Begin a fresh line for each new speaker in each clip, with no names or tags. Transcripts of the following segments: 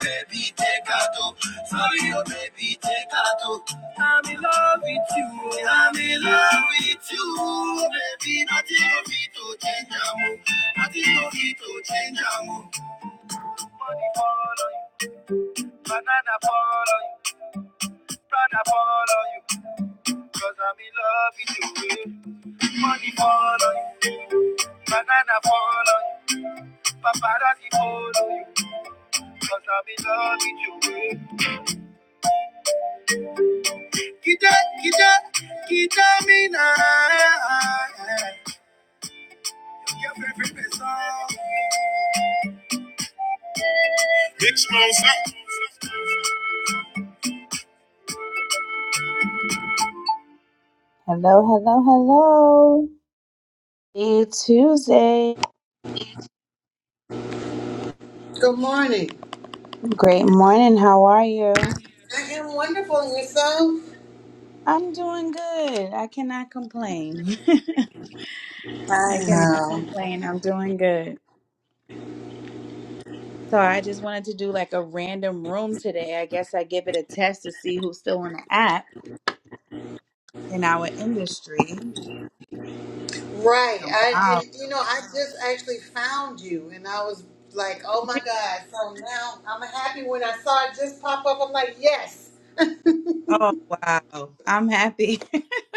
Baby, baby, take take a a do. do. Sorry, oh baby, take a do. I'm in love with you. I'm in love with you, baby. Nothing no fit to change am o. Nothing no fit to change am o. Money fall on you, banana fall on you, banana fall on you. Cause I'm in love with you. eh. Money fall on you, banana fall on you, paparazzi follow you. Cause I'm in love with you. eh. Kita, kita, kita mina. Hello, hello, hello. It's Tuesday.
Good morning.
Great morning. How are you?
I am wonderful and yourself?
I'm doing good. I cannot complain.
I
I cannot
know.
complain. I'm doing good. So I just wanted to do like a random room today. I guess I give it a test to see who's still on the app in our industry.
Right. I
Wow.
and you know, I just actually found you and I was like, oh my God. So now I'm happy when I saw it just pop up. I'm like, yes.
Oh, wow. I'm happy.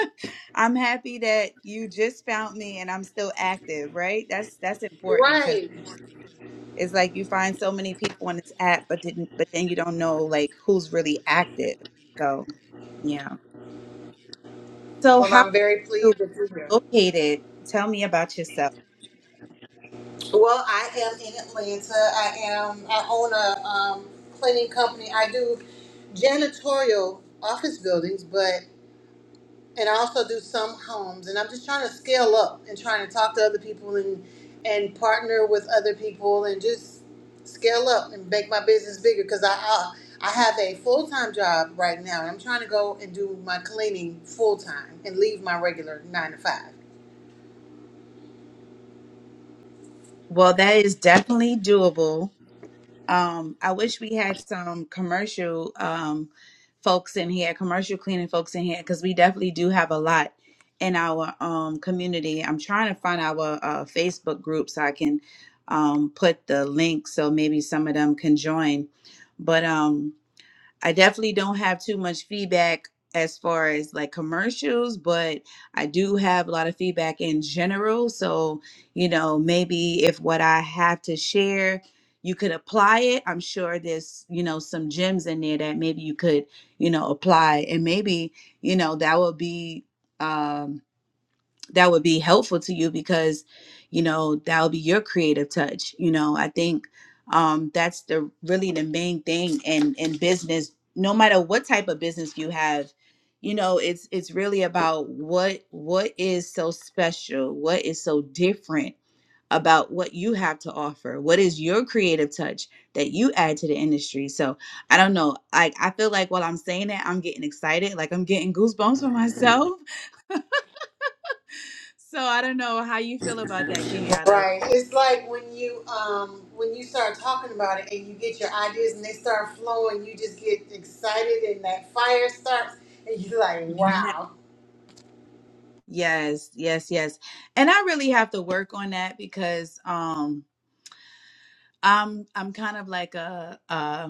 I'm happy that you just found me and I'm still active, right? That's that's important because
Right.
it's like you find so many people on this app, but didn't but then you don't know like who's really active. So yeah. So
Well,
how are
I'm very
you
pleased that you're here.
located? Tell me about yourself.
Well, I am in Atlanta. I am I own a um, cleaning company. I do janitorial office buildings, but. and I also do some homes. And I'm just trying to scale up and trying to talk to other people and and partner with other people and just scale up and make my business bigger because I, I I have a full time job right now and I'm trying to go and do my cleaning full time and leave my regular nine to five.
Well, that is definitely doable. Um, I wish we had some commercial um, folks in here, commercial cleaning folks in here, because we definitely do have a lot in our um, community. I'm trying to find our uh, Facebook group so I can um, put the link so maybe some of them can join. But um, I definitely don't have too much feedback as far as like commercials, but I do have a lot of feedback in general. So, you know, maybe if what I have to share, you could apply it. I'm sure there's, you know, some gems in there that maybe you could, you know, apply. And maybe, you know, that would be um that would be helpful to you because you know that would be your creative touch you know i think um that's the really the main thing in in business no matter what type of business you have you know it's it's really about what what is so special what is so different about what you have to offer what is your creative touch that you add to the industry so i don't know i i feel like while i'm saying that i'm getting excited like i'm getting goosebumps for myself so I don't know how you feel about that, Kenyatta.
Right. It's like when you um when you start talking about it and you get your ideas and they start flowing, you just get excited and that fire starts and you're like,
Yeah.
wow.
Yes, yes, yes. And I really have to work on that because um I'm I'm kind of like a uh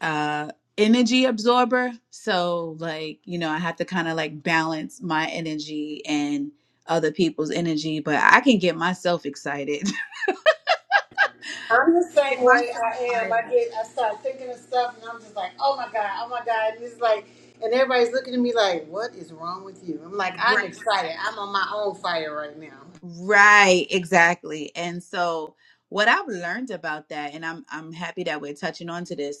uh energy absorber. So like, you know, I have to kind of like balance my energy and other people's energy, but I can get myself excited.
I'm the
get
same way
myself
I am.
fired
I
up.
get, I start thinking of stuff, and I'm just like, oh my god, oh my god, and it's like, and everybody's looking at me like, what is wrong with you? I'm like, I'm
Right.
excited. I'm on my own fire right now.
Right, exactly. And so what I've learned about that, and I'm I'm happy that we're touching on to this,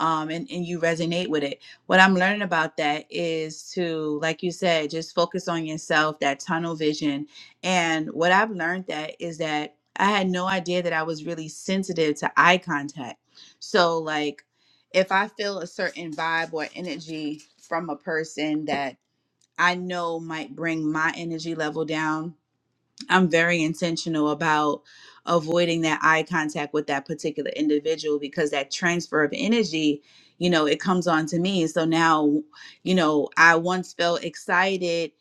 um and, and you resonate with it what i'm learning about that is to like you said just focus on yourself that tunnel vision and what i've learned that is that i had no idea that i was really sensitive to eye contact so like if i feel a certain vibe or energy from a person that i know might bring my energy level down I'm very intentional about avoiding that eye contact with that particular individual because that transfer of energy, you know, it comes on to me. So now, you know, I once felt excited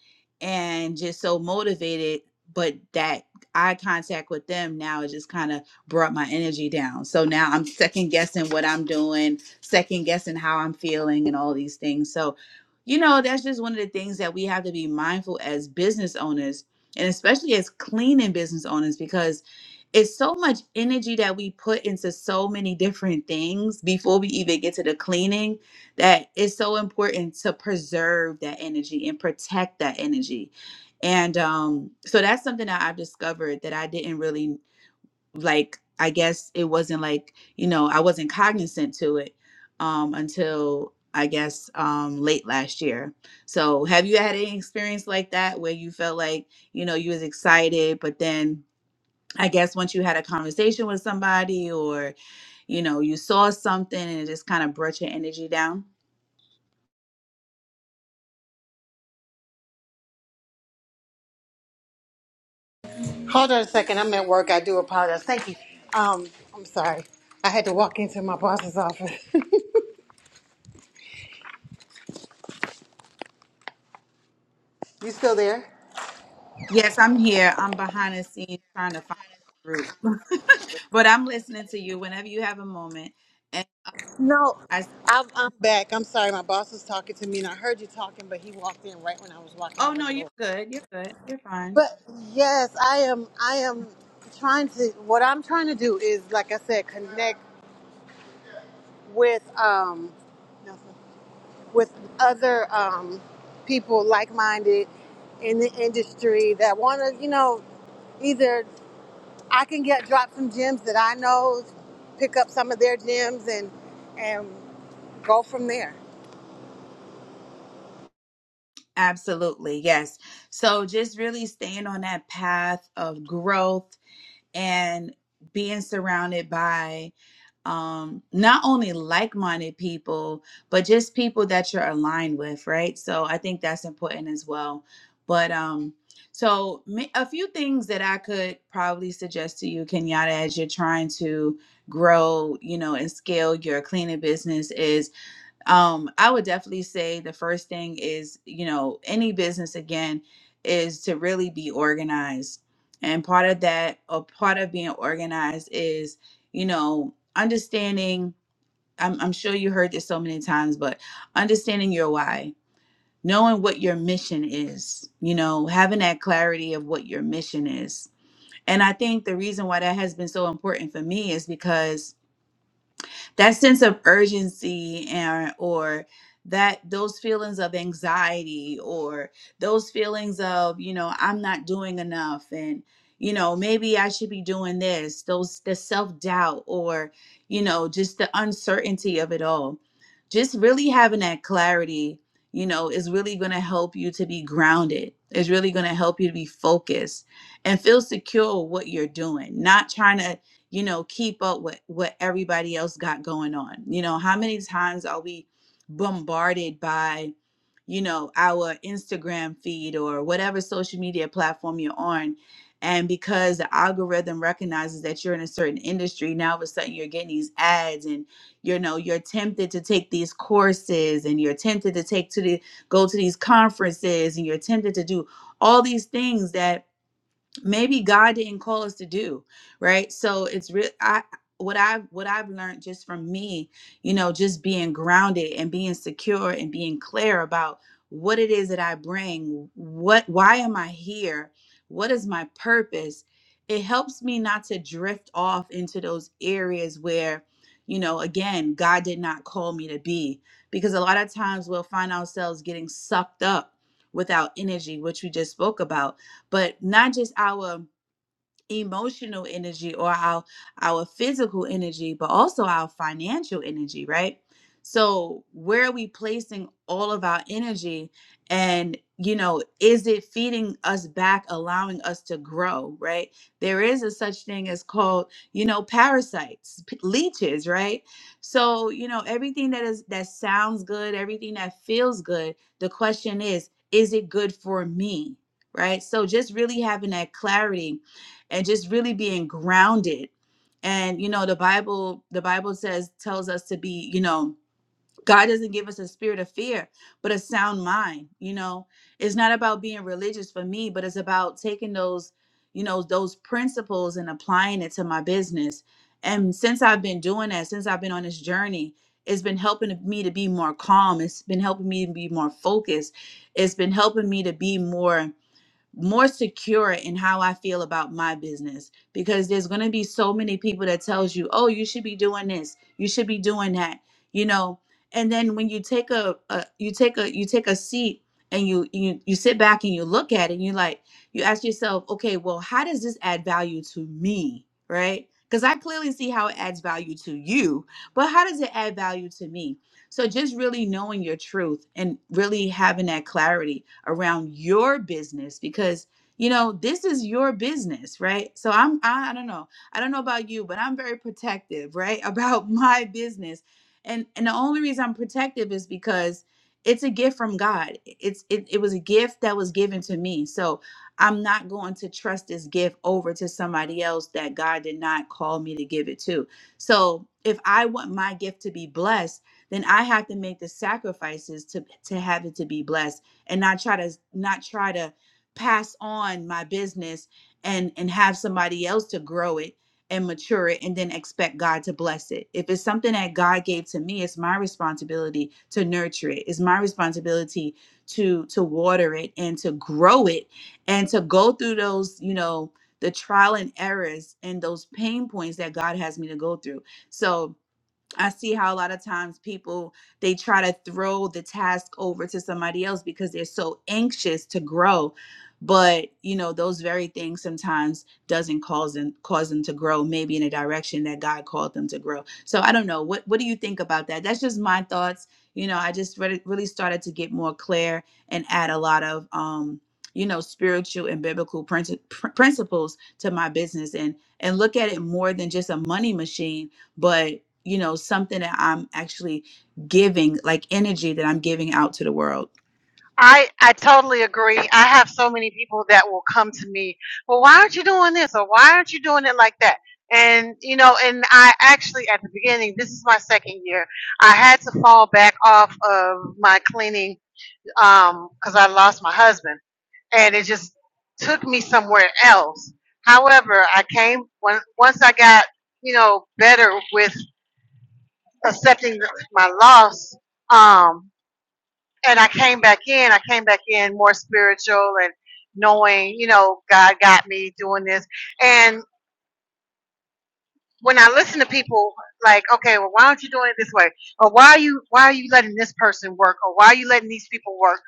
and just so motivated, but that eye contact with them now it just kind of brought my energy down. So now I'm second guessing what I'm doing, second guessing how I'm feeling and all these things. So, you know, that's just one of the things that we have to be mindful as business owners and especially as cleaning business owners because it's so much energy that we put into so many different things before we even get to the cleaning that it's so important to preserve that energy and protect that energy and um, so that's something that i've discovered that i didn't really like I guess it wasn't like, you know, I wasn't cognizant to it um until I guess um late last year. So have you had any experience like that where you felt like, you know, you was excited, but then I guess once you had a conversation with somebody or, you know, you saw something and it just kind of brought your energy down?
Hold on a second. I'm at work. I do apologize. Thank you. Um, I'm sorry. I had to walk into my boss's office. you still there?
Yes, I'm here. I'm behind the scenes trying to find the group. but I'm listening to you whenever you have a moment. And
No,
I s-
I'm, I'm back. I'm sorry. My boss was talking to me, and I heard you talking, but he walked in right when I was walking. I
oh
was like,
no,
Lord.
you're good. You're good. You're fine.
But yes, I am. I am trying to. What I'm trying to do is, like I said, connect with um, with other um, people like-minded in the industry that want to, you know, either I can get drop some gems that I know, pick up some of their gems, and and go from there.
Absolutely, yes. So just really staying on that path of growth and being surrounded by um not only like-minded people, but just people that you're aligned with, right? So I think that's important as well. But um so ma- a few things that I could probably suggest to you, Kenyatta, as you're trying to grow, you know, and scale your cleaning business is um i would definitely say the first thing is you know any business again is to really be organized and part of that or part of being organized is you know understanding i'm, I'm sure you heard this so many times but understanding your why knowing what your mission is you know having that clarity of what your mission is and i think the reason why that has been so important for me is because that sense of urgency and or that those feelings of anxiety or those feelings of you know i'm not doing enough and you know maybe i should be doing this those the self-doubt or you know just the uncertainty of it all just really having that clarity you know is really going to help you to be grounded it's really going to help you to be focused and feel secure with what you're doing not trying to you know, keep up with what everybody else got going on. You know, how many times are we bombarded by, you know, our Instagram feed or whatever social media platform you're on? And because the algorithm recognizes that you're in a certain industry, now all of a sudden you're getting these ads and you know you're tempted to take these courses and you're tempted to take to the go to these conferences and you're tempted to do all these things that maybe God didn't call us to do, right? So it's real. I what I've what I've learned just from me, you know, just being grounded and being secure and being clear about what it is that I bring, what why am I here? What is my purpose? It helps me not to drift off into those areas where, you know, again, God did not call me to be. Because a lot of times we'll find ourselves getting sucked up without energy, which we just spoke about but not just our emotional energy or our our physical energy but also our financial energy right so where are we placing all of our energy and you know is it feeding us back allowing us to grow right there is a such thing as called you know parasites p- leeches right so you know everything that is that sounds good everything that feels good the question is is it good for me right so just really having that clarity and just really being grounded and you know the bible the bible says tells us to be you know god doesn't give us a spirit of fear but a sound mind you know it's not about being religious for me but it's about taking those you know those principles and applying it to my business and since i've been doing that since i've been on this journey it's been helping me to be more calm it's been helping me to be more focused it's been helping me to be more more secure in how I feel about my business because there's going to be so many people that tells you, "Oh, you should be doing this. You should be doing that." You know, and then when you take a, a you take a you take a seat and you you you sit back and you look at it and you like you ask yourself, "Okay, well, how does this add value to me?" Right? Cuz I clearly see how it adds value to you, but how does it add value to me? So just really knowing your truth and really having that clarity around your business because you know this is your business right so i'm I, I don't know i don't know about you but i'm very protective right about my business and and the only reason i'm protective is because it's a gift from god it's it, it was a gift that was given to me so i'm not going to trust this gift over to somebody else that god did not call me to give it to so if i want my gift to be blessed then I have to make the sacrifices to to have it to be blessed and not try to not try to pass on my business and and have somebody else to grow it and mature it and then expect God to bless it. If it's something that God gave to me, it's my responsibility to nurture it. It's my responsibility to to water it and to grow it and to go through those, you know, the trial and errors and those pain points that God has me to go through. So I see how a lot of times people they try to throw the task over to somebody else because they're so anxious to grow. But you know, those very things sometimes doesn't cause them cause them to grow, maybe in a direction that God called them to grow. So I don't know. What what do you think about that? That's just my thoughts. You know, I just really, really started to get more clear and add a lot of um, you know, spiritual and biblical princi- pr- principles to my business and and look at it more than just a money machine but you know something that i'm actually giving like energy that i'm giving out to the world
I I totally agree. I have so many people that will come to me, well, why aren't you doing this or why aren't you doing it like that? And you know, and I actually at the beginning, this is my second year, I had to fall back off of my cleaning um because I lost my husband, and it just took me somewhere else. However, I came when once I got you know better with accepting my loss. Um, and I came back in. I came back in more spiritual and knowing, you know, God got me doing this. And when I listen to people like, okay, well, why aren't you doing it this way? Or why are you why are you letting this person work? Or why are you letting these people work?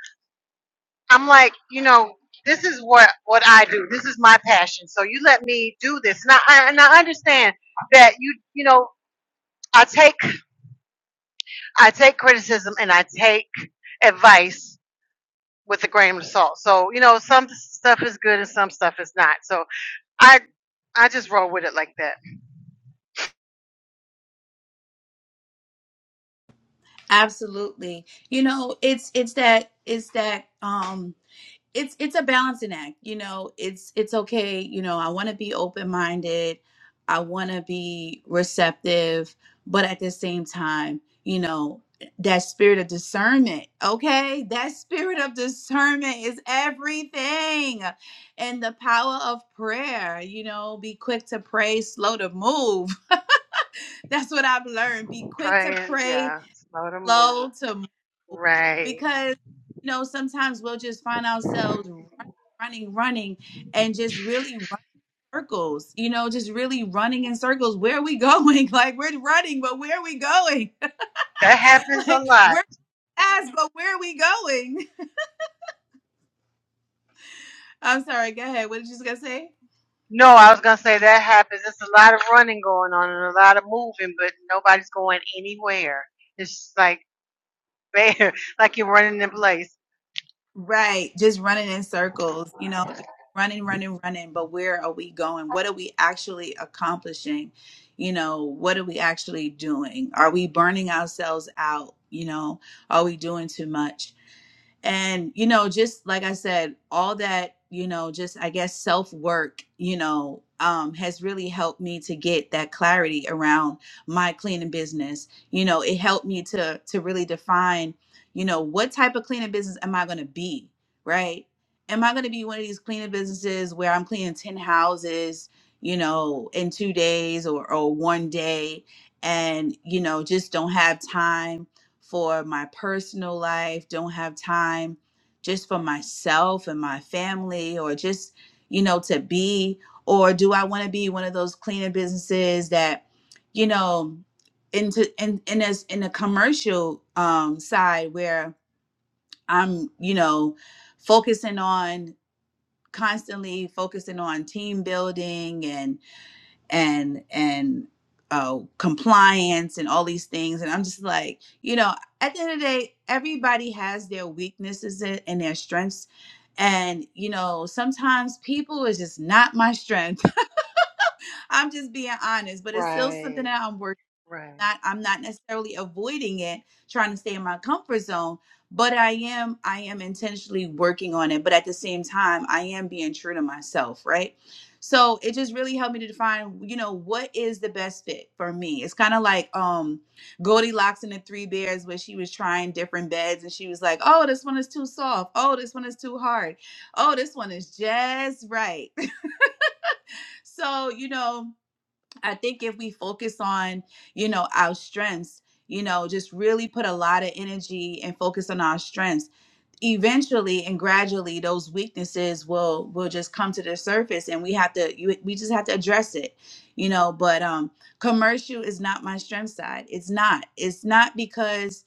I'm like, you know, this is what what I do. This is my passion. So you let me do this. And I and I understand that you you know I take I take criticism and I take advice with a grain of salt. So you know, some stuff is good and some stuff is not. So I I just roll with it like that.
absolutely you know it's it's that it's that um it's it's a balancing act you know it's it's okay you know i want to be open-minded i want to be receptive but at the same time you know that spirit of discernment okay that spirit of discernment is everything and the power of prayer you know be quick to pray slow to move that's what i've learned be quick to
Praying,
pray
yeah, slow to
slow
move.
to
Right.
because you know sometimes we'll just find ourselves running running running and just really running circles you know just really running in circles where are we going like we're running but where are we going
That happens a
like
lot.
we're fast but where are we going i'm sorry go ahead what did you gonna say
No, I was gonna say that happens. It's a lot of running going on and a lot of moving, but nobody's going anywhere. It's just like bare, like you're running in place.
Right. Just running in circles, you know, running, running, running. But where are we going? What are we actually accomplishing? You know, what are we actually doing? Are we burning ourselves out? You know, are we doing too much? and you know just like i said all that you know just i guess self work you know um has really helped me to get that clarity around my cleaning business you know it helped me to to really define you know what type of cleaning business am i going to be right am i going to be one of these cleaning businesses where i'm cleaning 10 houses you know in 2 days or or one day and you know just don't have time for my personal life, don't have time just for myself and my family or just, you know, to be? Or do I want to be one of those cleaning businesses that, you know, into in in as in a commercial um side where I'm, you know, focusing on constantly focusing on team building and and and uh, compliance and all these things. And I'm just like, you know, at the end of the day, everybody has their weaknesses and and their strengths. And you know, sometimes people is just not my strength. I'm just being honest, but it's still something
Right,
that I'm working
right.
not I'm not necessarily avoiding it, trying to stay in my comfort zone, but I am I am intentionally working on it, but at the same time, I am being true to myself, right? So it just really helped me to define, you know, what is the best fit for me. It's kind of like um Goldilocks and the Three Bears, where she was trying different beds and she was like, Oh, this one is too soft. Oh, this one is too hard. Oh, this one is just right. so, you know, I think if we focus on, you know, our strengths, you know, just really put a lot of energy and focus on our strengths, eventually and gradually those weaknesses will will just come to the surface and we have to you, we just have to address it. You know, but um commercial is not my strength side. It's not. It's not because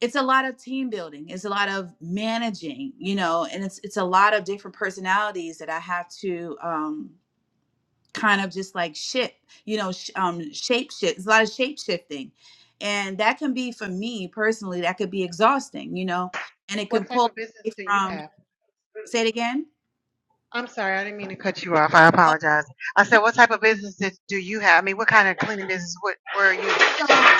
it's a lot of team building. It's a lot of managing, you know, and it's it's a lot of different personalities that I have to um kind of just like shift, you know, sh- um, shape shift. It's a lot of shape shifting, and that can be for me personally. That could be exhausting, you know, and it can
What type
pull
of business
away
do you
from.
have?
Say it again.
I'm sorry, I didn't mean to cut you off. I
Oh
apologize. I said, what type of business did, do you have? I mean, what kind of cleaning business what, were you?
So,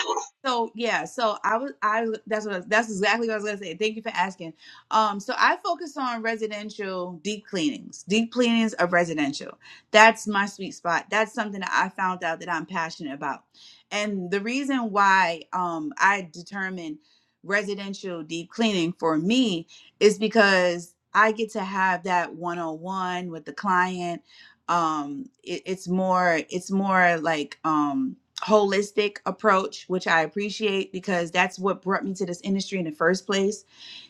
so yeah, so I was, I that's what I, that's exactly what I was gonna say. Thank you for asking. Um, so I focus on residential deep cleanings, deep cleanings of residential. That's my sweet spot. That's something that I found out that I'm passionate about, and the reason why um I determine residential deep cleaning for me is because I get to have that one on one with the client. Um, it, it's more, it's more like um holistic approach, which I appreciate because that's what brought me to this industry in the first place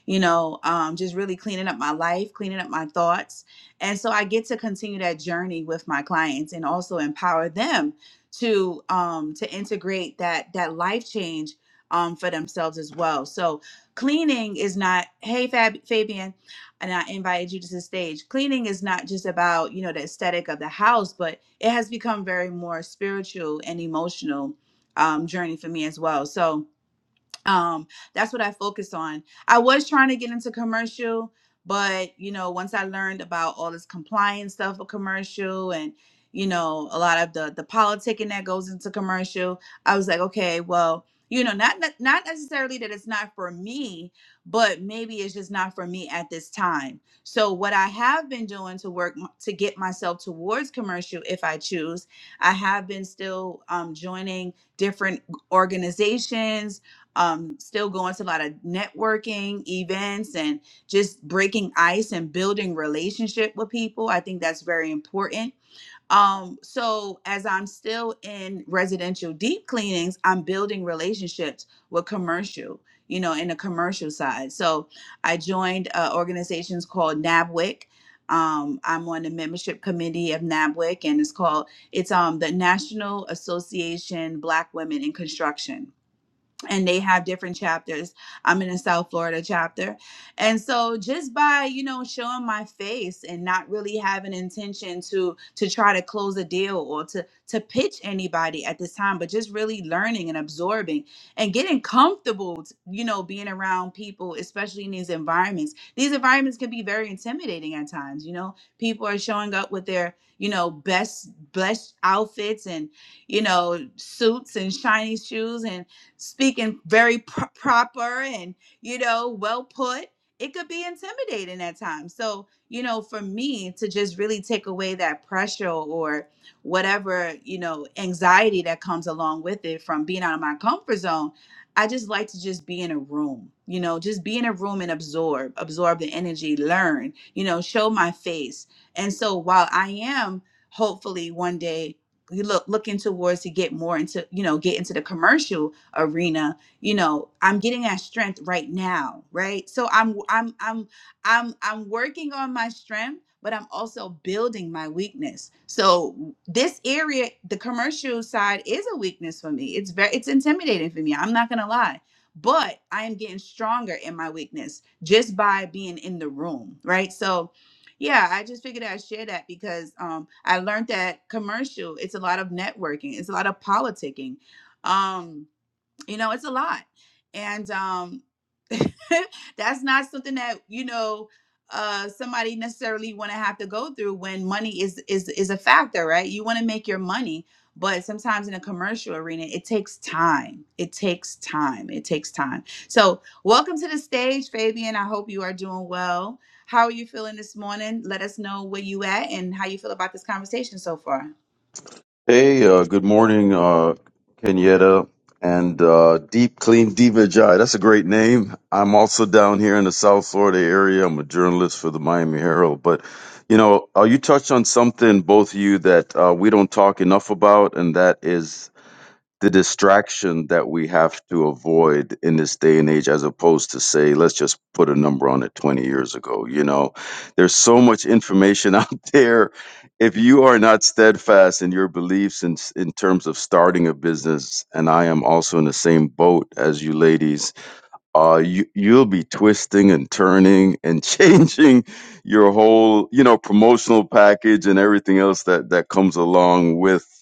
you know, um, just really cleaning up my life, cleaning up my thoughts. And so I get to continue that journey with my clients and also empower them to um, to integrate that that life change um, for themselves as well. So cleaning is not, hey Fab- Fabian, and I invited you to the stage. Cleaning is not just about, you know, the aesthetic of the house, but it has become very more spiritual and emotional um, journey for me as well. So um that's what i focus on i was trying to get into commercial but you know once i learned about all this compliance stuff of commercial and you know a lot of the the politicking that goes into commercial i was like okay well you know not not not necessarily that it's not for me but maybe it's just not for me at this time so what i have been doing to work m- to get myself towards commercial if i choose i have been still um, joining different organizations um still going to a lot of networking events and just breaking ice and building relationship with people i think that's very important um so as i'm still in residential deep cleanings i'm building relationships with commercial you know in the commercial side so i joined uh, organizations called nabwic um, i'm on the membership committee of nabwic and it's called it's um the national association black women in construction and they have different chapters. I'm in a South Florida chapter. And so just by, you know, showing my face and not really having intention to to try to close a deal or to to pitch anybody at this time, but just really learning and absorbing and getting comfortable, t- you know, being around people, especially in these environments. These environments can be very intimidating at times, you know. People are showing up with their, you know, best best outfits and, you know, suits and shiny shoes and speaking very pro- proper and you know well put it could be intimidating at times so you know for me to just really take away that pressure or whatever you know anxiety that comes along with it from being out of my comfort zone i just like to just be in a room you know just be in a room and absorb absorb the energy learn you know show my face and so while i am hopefully one day you look looking towards to get more into you know get into the commercial arena you know i'm getting that strength right now right so i'm i'm i'm i'm i'm working on my strength but i'm also building my weakness so this area the commercial side is a weakness for me it's very it's intimidating for me i'm not gonna lie but i am getting stronger in my weakness just by being in the room right so yeah, I just figured I'd share that because um, I learned that commercial, it's a lot of networking, it's a lot of politicking. Um, you know it's a lot and um that's not something that you know uh somebody necessarily want to have to go through when money is is is a factor right you want to make your money but sometimes in a commercial arena it takes time it takes time it takes time so welcome to the stage fabian i hope you are doing well how are you feeling this morning let us know where you at and how you feel about this conversation so far
Hey, uh, good morning, uh, Kenyatta and uh, Deep Clean Diva Jai. That's a great name. I'm also down here in the South Florida area. I'm a journalist for the Miami Herald. But, you know, uh, you touched on something, both of you, that uh, we don't talk enough about, and that is the distraction that we have to avoid in this day and age as opposed to say let's just put a number on it 20 years ago you know there's so much information out there if you are not steadfast in your beliefs in, in terms of starting a business and i am also in the same boat as you ladies uh you you'll be twisting and turning and changing your whole you know promotional package and everything else that that comes along with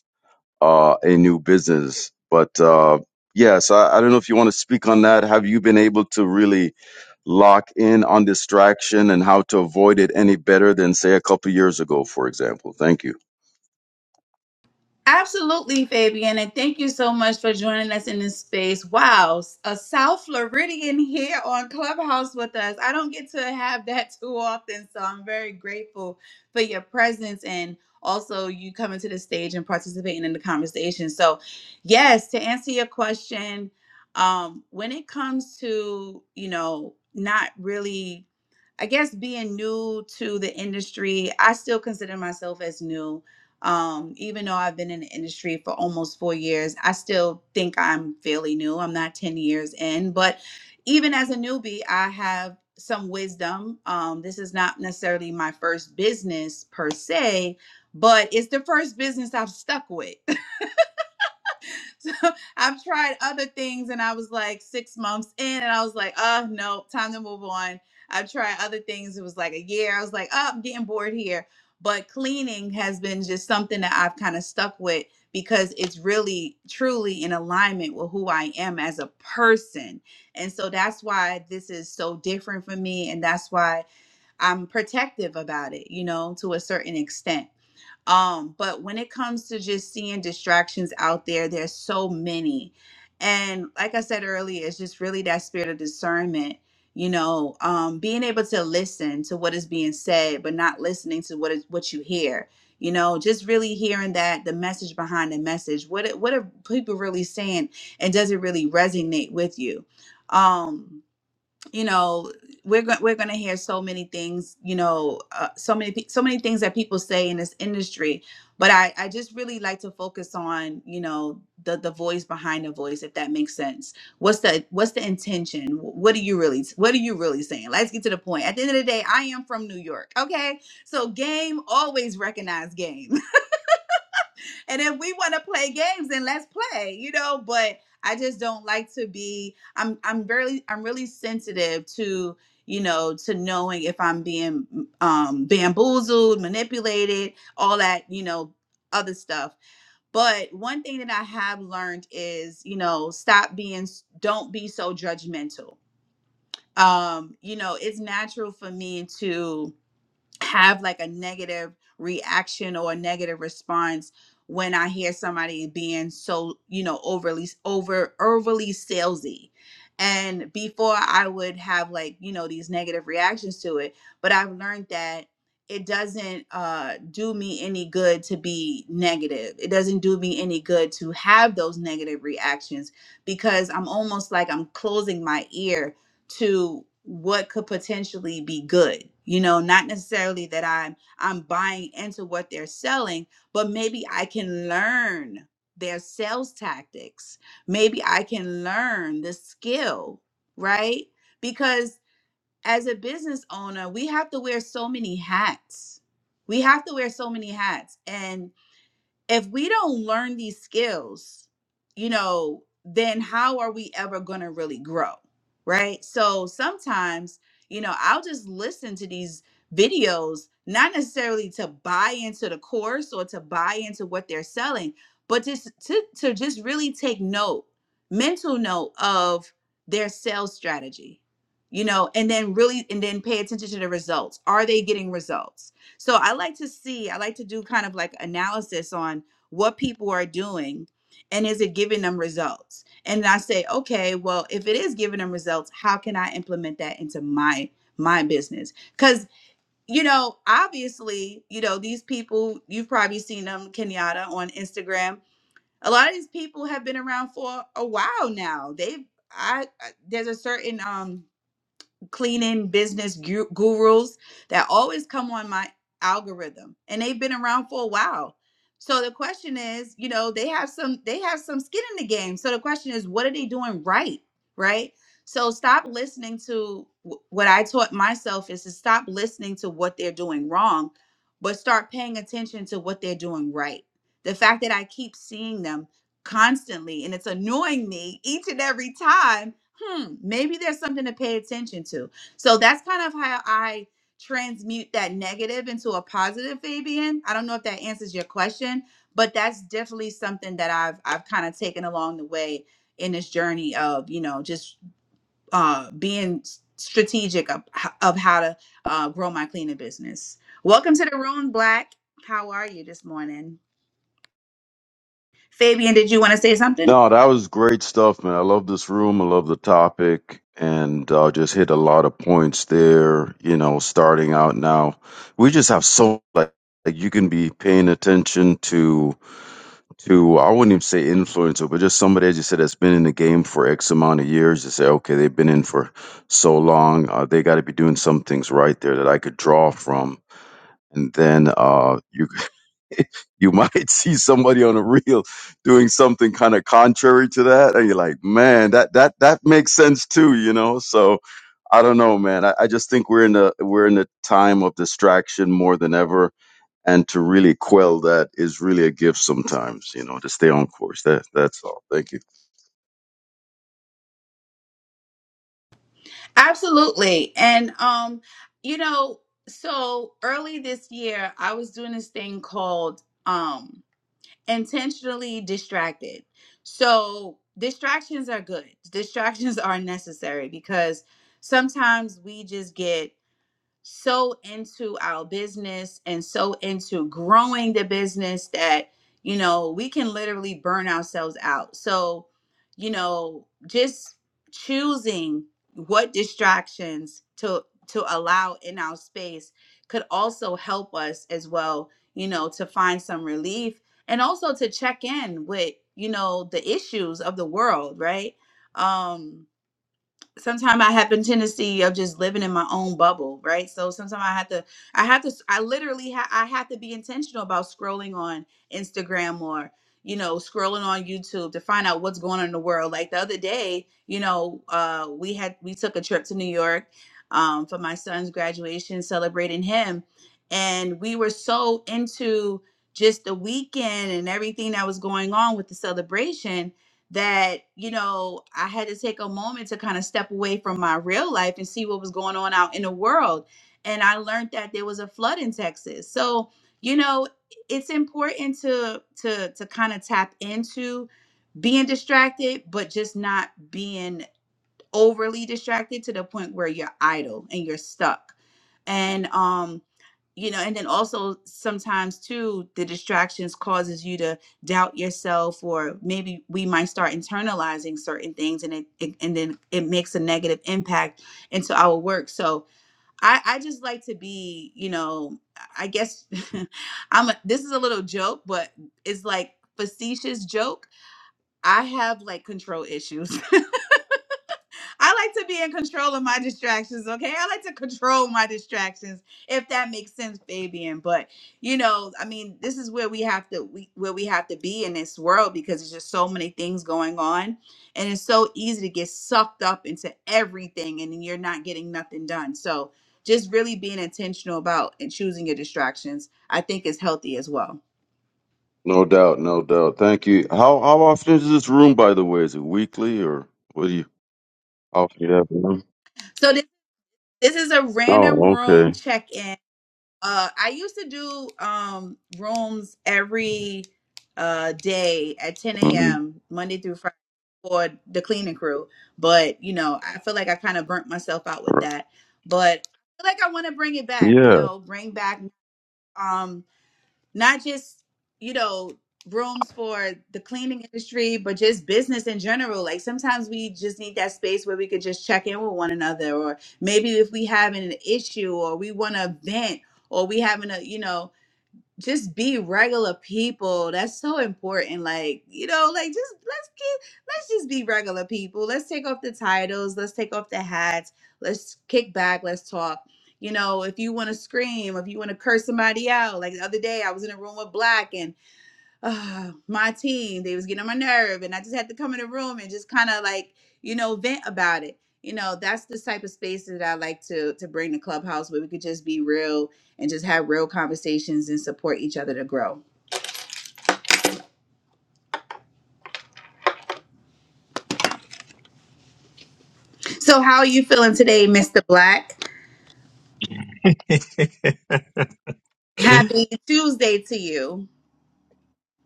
uh, a new business. But uh, yes, I, I don't know if you want to speak on that. Have you been able to really lock in on distraction and how to avoid it any better than, say, a couple years ago, for example? Thank you.
Absolutely, Fabian, and thank you so much for joining us in this space. Wow, a South Floridian here on Clubhouse with us. I don't get to have that too often, so I'm very grateful for your presence and also you coming to the stage and participating in the conversation. So, yes, to answer your question, um, when it comes to you know not really I guess being new to the industry, I still consider myself as new. Um, even though I've been in the industry for almost four years, I still think I'm fairly new. I'm not 10 years in, but even as a newbie, I have some wisdom. Um, this is not necessarily my first business per se, but it's the first business I've stuck with. So I've tried other things and I was like six months in and I was like, oh no, time to move on. I've tried other things. It was like a year. I was like, oh, I'm getting bored here. But cleaning has been just something that I've kind of stuck with because it's really truly in alignment with who I am as a person. And so that's why this is so different for me. And that's why I'm protective about it, you know, to a certain extent um, but when it comes to just seeing distractions out there, there's so many. And like I said earlier, it's just really that spirit of discernment, you know, um, being able to listen to what is being said, but not listening to what is what you hear. You know, just really hearing that the message behind the message. What it- what are people really saying, and does it really resonate with you? Um, you know we're going we're going to hear so many things you know uh, so many pe- so many things that people say in this industry but i i just really like to focus on you know the the voice behind the voice if that makes sense what's the what's the intention Wh- what are you really what are you really saying let's get to the point at the end of the day i am from new york okay so game always recognize game and if we want to play games then let's play you know but i just don't like to be i'm i'm very i'm really sensitive to you know to knowing if i'm being um bamboozled manipulated all that you know other stuff but one thing that i have learned is you know stop being don't be so judgmental um you know it's natural for me to have like a negative reaction or a negative response when I hear somebody being so, you know, overly over overly salesy. And before I would have like, you know, these negative reactions to it, but I've learned that it doesn't uh do me any good to be negative. It doesn't do me any good to have those negative reactions because I'm almost like I'm closing my ear to what could potentially be good you know not necessarily that i'm i'm buying into what they're selling but maybe i can learn their sales tactics maybe i can learn the skill right because as a business owner we have to wear so many hats we have to wear so many hats and if we don't learn these skills, you know, then how are we ever going to really grow? Right. So sometimes, you know, I'll just listen to these videos, not necessarily to buy into the course or to buy into what they're selling, but just to, to just really take note, mental note of their sales strategy, you know, and then really, and then pay attention to the results. Are they getting results? So I like to see, I like to do kind of like analysis on what people are doing and is it giving them results? And I say, okay, well, if it is giving them results, how can I implement that into my my business? Cuz you know, obviously, you know, these people, you've probably seen them Kenyatta on Instagram. A lot of these people have been around for a while now. They've I I- there's a certain um cleaning business gu- gurus that always come on my algorithm and they've been around for a while so the question is you know they have some they have some skin in the game so the question is what are they doing right right so stop listening to wh- what i taught myself is to stop listening to what they're doing wrong but start paying attention to what they're doing right the fact that i keep seeing them constantly and it's annoying me each and every time hmm, maybe there's something to pay attention to. So that's kind of how I transmute that negative into a positive, Fabian. I don't know if that answers your question, but that's definitely something that I've I've kind of taken along the way in this journey of you know just uh, being s- strategic of, h- of how to uh, grow my cleaning business. Welcome to the room, Black. How are you this morning, Fabian? Did you want to say something?
No, that was great stuff, man. I love this room. I love the topic. And uh, just hit a lot of points there, you know, starting out now. We just have so, like, like you can be paying attention to to I wouldn't even say influencer, but just somebody as you said that's been in the game for X amount of years. You say, okay, they've been in for so long, uh, they got to be doing some things right there that I could draw from. And then uh, you you might see somebody on a reel doing something kind of contrary to that, and you're like, man, that that that makes sense too, you know. So I don't know, man. I, I just think we're in a we're in a time of distraction more than ever and to really quell that is really a gift sometimes, you know, to stay on course. That that's all. Thank you.
Absolutely. And um, you know, so early this year I was doing this thing called um intentionally distracted. So distractions are good. Distractions are necessary because sometimes we just get so into our business and so into growing the business that you know we can literally burn ourselves out so you know just choosing what distractions to to allow in our space could also help us as well you know to find some relief and also to check in with you know the issues of the world right um sometimes I have a tendency of just living in my own bubble, right? So sometimes I have to, I have to, I literally, ha- I have to be intentional about scrolling on Instagram or, you know, scrolling on YouTube to find out what's going on in the world. Like the other day, you know, uh, we had, we took a trip to New York um, for my son's graduation, celebrating him. And we were so into just the weekend and everything that was going on with the celebration that you know i had to take a moment to kind of step away from my real life and see what was going on out in the world and i learned that there was a flood in texas so you know it's important to to to kind of tap into being distracted but just not being overly distracted to the point where you're idle and you're stuck and um you know and then also sometimes too the distractions causes you to doubt yourself or maybe we might start internalizing certain things and it, it and then it makes a negative impact into our work so i i just like to be you know i guess i'm a, this is a little joke but it's like facetious joke i have like control issues I like to be in control of my distractions, okay? I like to control my distractions, if that makes sense, Fabian. But you know, I mean, this is where we have to we, where we have to be in this world because there's just so many things going on, and it's so easy to get sucked up into everything, and then you're not getting nothing done. So just really being intentional about and choosing your distractions, I think, is healthy as well.
No doubt, no doubt. Thank you. How how often is this room by the way? Is it weekly or what do you how often you have room?
So this this is a random
Oh,
room
okay.
check-in. Uh, I used to do um rooms every uh day at 10
Mhm.
a.m. Monday through Friday for the cleaning crew, but you know, I feel like I kind of burnt myself out with
All right.
that. But I feel like I want to bring it back. You
Yeah.
know, bring back. Um, not just you know rooms for the cleaning industry but just business in general like sometimes we just need that space where we could just check in with one another or maybe if we having an issue or we want to vent or we having a you know just be regular people. That's so important. Like, you know, like just let's get let's just be regular people. Let's take off the titles, let's take off the hats, let's kick back, let's talk. You know, if you want to scream, if you want to curse somebody out, like the other day I was in a room with Black and uh, my team they was getting on my nerve and i just had to come in the room and just kind of like you know vent about it you know that's the type of space that i like to to bring to clubhouse where we could just be real and just have real conversations and support each other to grow so how are you feeling today mr black happy tuesday to you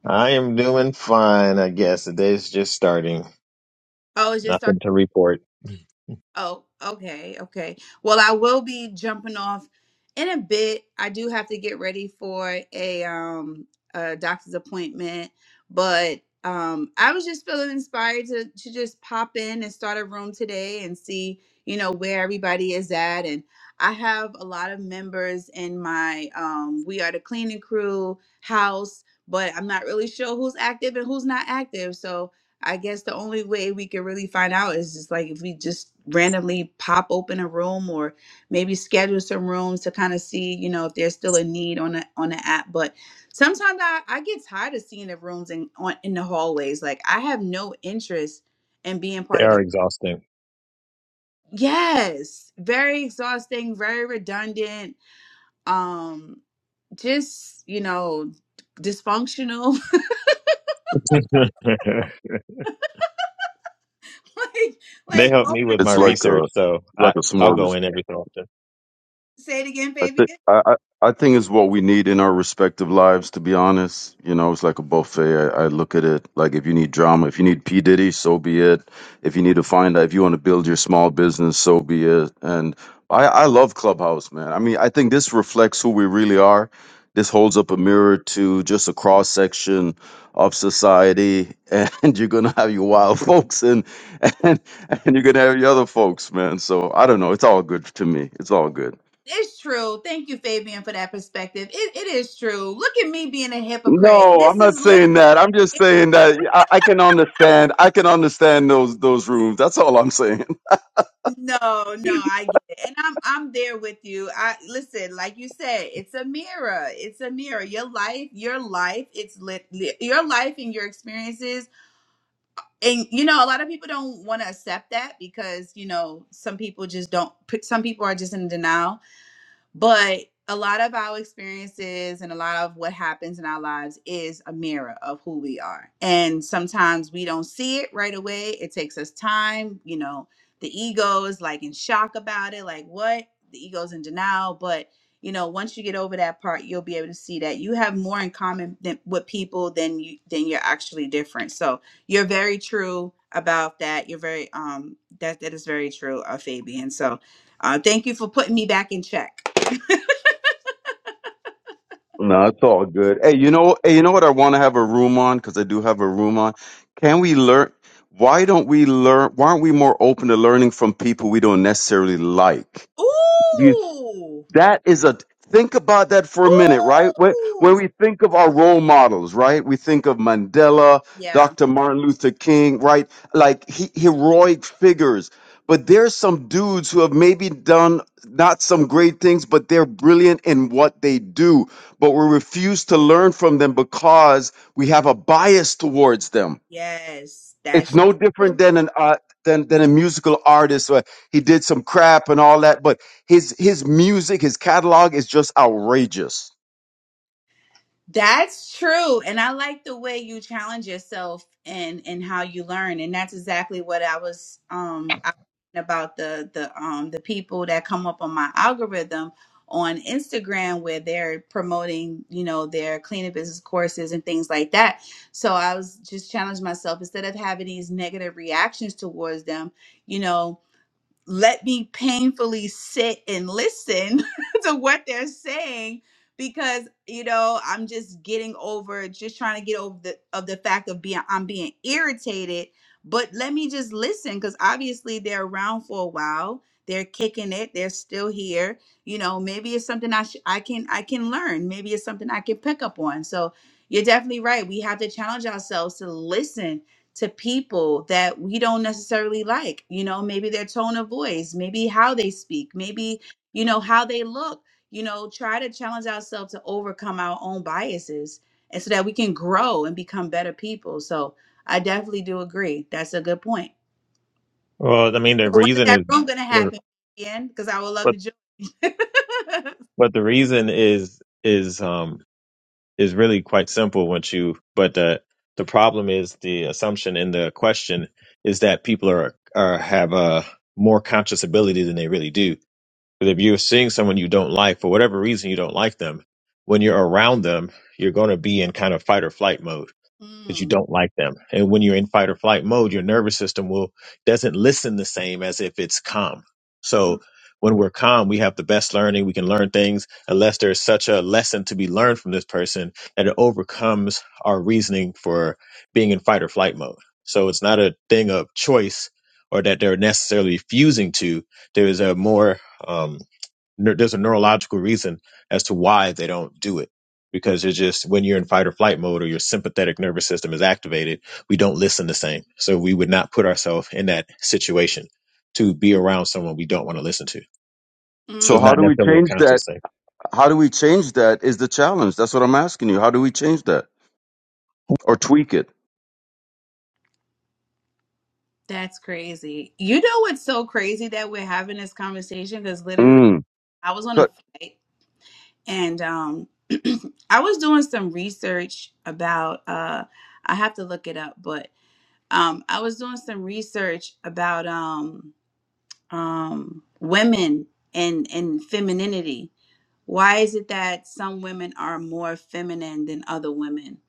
I am doing fine, I guess. The day's just starting.
oh it's just started
Nothing to report.
Oh, okay, okay. Well, I will be jumping off in a bit. I do have to get ready for a um a doctor's appointment, but um I was just feeling inspired to to just pop in and start a room today and see, you know, where everybody is at and I have a lot of members in my um we are the cleaning crew house, but I'm not really sure who's active and who's not active. So, I guess the only way we could really find out is just like if we just randomly pop open a room or maybe schedule some rooms to kind of see, you know, if there's still a need on the on the app. But sometimes I, I get tired of seeing the rooms in on in the hallways. Like I have no interest in being
They
part of
are
the
exhausting.
Yes. Very exhausting, very redundant. Um just, you know, dysfunctional.
they
like like
help
oh
me
my
with my
It's
God.
like
research,
a
so I,
like a
I'll
smorgasbord.
go in every so often.
Say it again,
I
baby.
think I, I I think it's what we need in our respective lives. To be honest, you know, it's like a buffet. I, I look at it like if you need drama, if you need P Diddy, so be it. If you need to find out, if you want to build your small business, so be it. And I I love Clubhouse, man. I mean, I think this reflects who we really are. This holds up a mirror to just a cross section of society, and you're gonna have your wild folks and and and you're gonna have your other folks, man. So I don't know. It's all good to me. It's all good.
It's true. Thank you, Fabian, for that perspective. It, it is true. Look at me being a hypocrite.
No, I'm
This
not
is literally
saying that. I'm just saying that I, I can understand. I can understand those those rooms. That's all I'm saying.
no, no. I get it, and I'm I'm there with you. I listen, like you said, it's a mirror. It's a mirror. Your life, your life. It's lit. li- Your life and your experiences, and you know, a lot of people don't want to accept that because you know some people just don't. Some people are just in denial But a lot of our experiences and a lot of what happens in our lives is a mirror of who we are. And sometimes we don't see it right away. It takes us time. You know, the ego is like in shock about it, like, what? The ego's in denial. But, you know, once you get over that part, you'll be able to see that you have more in common than, with people than you than you're actually different. So you're very true about that. You're very um that that is very true, uh, Fabian. So uh, thank you for putting me back in check.
No, it's all good. Hey, you know, hey, you know what? I want to have a room on because I do have a room on. Can we learn? Why don't we learn? Why aren't we more open to learning from people we don't necessarily like?
Ooh.
That is a think about that for a minute, right? When when
Ooh.
we think of our role models, right? We think of Mandela,
Yeah.
Dr. Martin Luther King, right? Like he, heroic figures. But there's some dudes who have maybe done not some great things, but they're brilliant in what they do. But we refuse to learn from them because we have a bias towards them
Yes.
it's
That's
no different than an uh, than than a musical artist. Or he did some crap and all that, but his his music, his catalog is just outrageous.
that's true. And I like the way you challenge yourself and and how you learn. And that's exactly what I was um I was thinking about the the um the people that come up on my algorithm on Instagram where they're promoting, you know, their cleaning business courses and things like that. So I was just challenging myself instead of having these negative reactions towards them, you know, let me painfully sit and listen to what they're saying because you know i'm just getting over just trying to get over the of the fact of being i'm being irritated but let me just listen because obviously they're around for a while they're kicking it they're still here you know maybe it's something i sh- i can i can learn maybe it's something i can pick up on so you're definitely right we have to challenge ourselves to listen to people that we don't necessarily like. You know, maybe their tone of voice, maybe how they speak, maybe, you know, how they look. You know, try to challenge ourselves to overcome our own biases and so that we can grow and become better people. So I definitely do agree. That's a good point.
Well, I mean, the
So when is
reason
that
is,
room going to happen again? Because I would love
but
to join.
but the reason is is um is really quite simple once you but the the problem is the assumption in the question is that people are are have a more conscious ability than they really do but if you're seeing someone you don't like for whatever reason you don't like them when you're around them you're going to be in kind of fight or flight mode because you
Mm,
don't like them. And when you're in fight or flight mode, your nervous system will doesn't listen the same as if it's calm.
mm,
So when we're calm, we have the best learning. We can learn things unless there's such a lesson to be learned from this person that it overcomes our reasoning for being in fight or flight mode. So it's not a thing of choice or that they're necessarily fusing to. There is a more um, neur- there's a neurological reason as to why they don't do it because it's just when you're in fight or flight mode or your sympathetic nervous system is activated we don't listen the same so we would not put ourselves in that situation to be around someone we don't want to listen to so
So
it's
mm.
how
not
do we
necessarily a
change that?
conscious
How do we change that? Is the challenge? That's what I'm asking you. How do we change that or tweak it?
That's crazy. You know what's so crazy that we're having this conversation? Because literally,
Mm.
I was on
'Cause-
a flight and um I was doing some research about uh I have to look it up, but um I was doing some research about um um women and and femininity. Why is it that some women are more feminine than other women?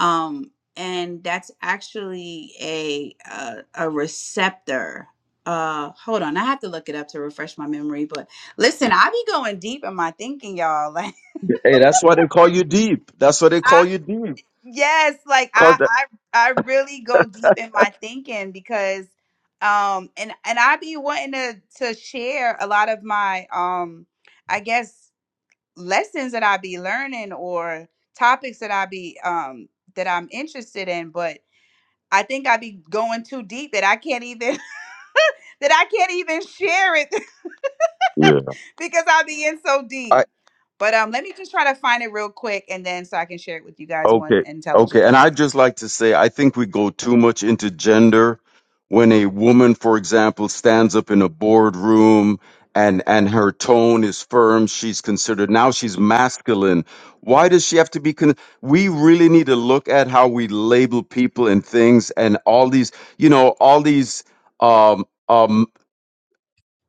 Um and that's actually a a, a receptor. Uh hold on, I have to look it up to refresh my memory, but listen, I be going deep in my thinking, y'all.
Hey, that's why they call you deep. That's why they
Like
call you deep.
Yes, like
Cause
I
that.
I I really go deep in my thinking because um and and I be wanting to to share a lot of my um I guess lessons that I be learning or topics that I be um that I'm interested in, but I think I be going too deep that I can't even that I can't even share it
Yeah.
because I be in so deep. But um let me just try to find it real quick and then so I can share it with you guys more
Okay. Okay.
intelligently.
And I'd just like to say, I think we go too much into gender when a woman, for example, stands up in a boardroom and, and her tone is firm. She's considered now she's masculine. Why does she have to be? Con- we really need to look at how we label people and things and all these, you know, all these, um, um,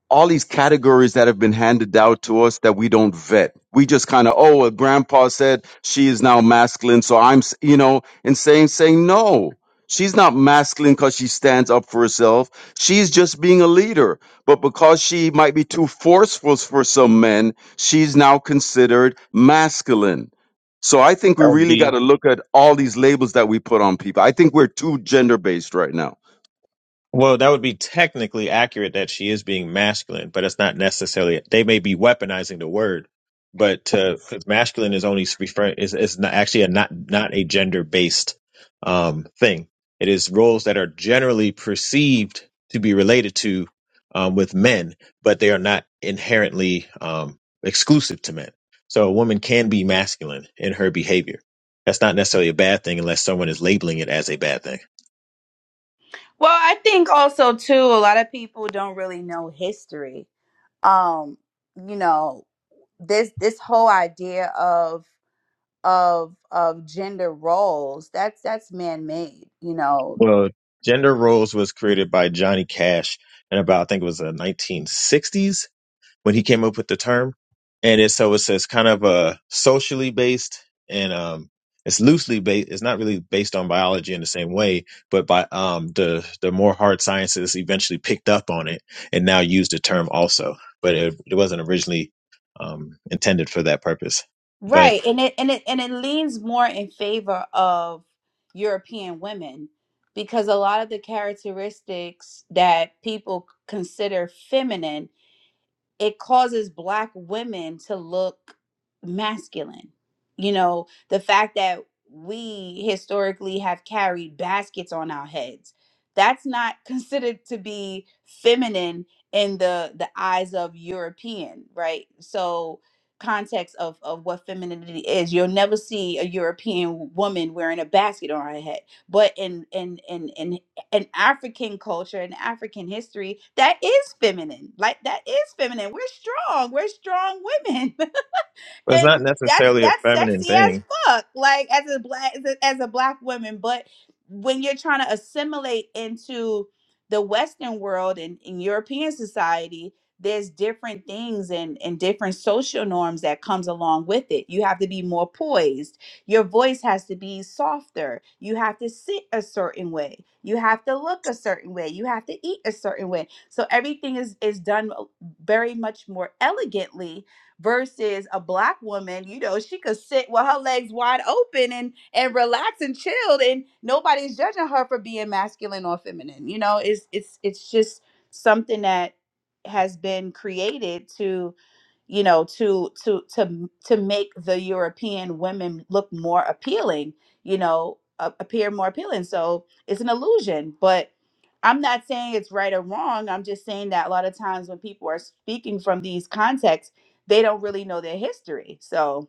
all these categories that have been handed out to us that we don't vet. We just kind of, oh, well, grandpa said she is now masculine, so I'm, s- you know, and saying, saying no, she's not masculine because she stands up for herself. She's just being a leader. But because she might be too forceful for some men, she's now considered masculine. So I think we really
thing
got to look at all these labels that we put on people. I think we're too gender based right now.
Well, that would be technically accurate that she is being masculine, but it's not necessarily. They may be weaponizing the word, but because masculine is only referring is is not actually a not not a gender based um, thing. It is roles that are generally perceived to be related to um, with men, but they are not inherently um, exclusive to men. So a woman can be masculine in her behavior. That's not necessarily a bad thing unless someone is labeling it as a bad thing.
Well, I think also too, a lot of people don't really know history. Um, you know, this this whole idea of of of gender roles that's that's man made. You know,
Well, gender roles was created by Johnny Cash in about I think it was the 1960s when he came up with the term, and it's so it's, it's kind of uh, socially based and um, it's loosely based. It's not really based on biology in the same way, but by um, the the more hard sciences eventually picked up on it and now use the term also, but it, it wasn't originally um, intended for that purpose. But
right? And it and it and it leans more in favor of European women because a lot of the characteristics that people consider feminine it causes black women to look masculine. You know, the fact that we historically have carried baskets on our heads. That's not considered to be feminine in the the eyes of European, right? So context of of what femininity is. You'll never see a European woman wearing a basket on her head. But in in in in an African culture and African history that is feminine. Like that is feminine. We're strong. We're strong women.
it's not
and that's
necessarily a
that's
feminine
sexy as
thing.
fuck like as a black as a, as a black woman but when you're trying to assimilate into the western world and, and european society there's different things and and different social norms that comes along with it you have to be more poised your voice has to be softer you have to sit a certain way you have to look a certain way you have to eat a certain way so everything is is done very much more elegantly versus a black woman you know she could sit with her legs wide open and and relax and chilled and nobody's judging her for being masculine or feminine you know it's it's it's just something that has been created to you know to to to to make the european women look more appealing you know a- appear more appealing so it's an illusion but I'm not saying it's right or wrong. I'm just saying that a lot of times when people are speaking from these contexts, they don't really know their history. So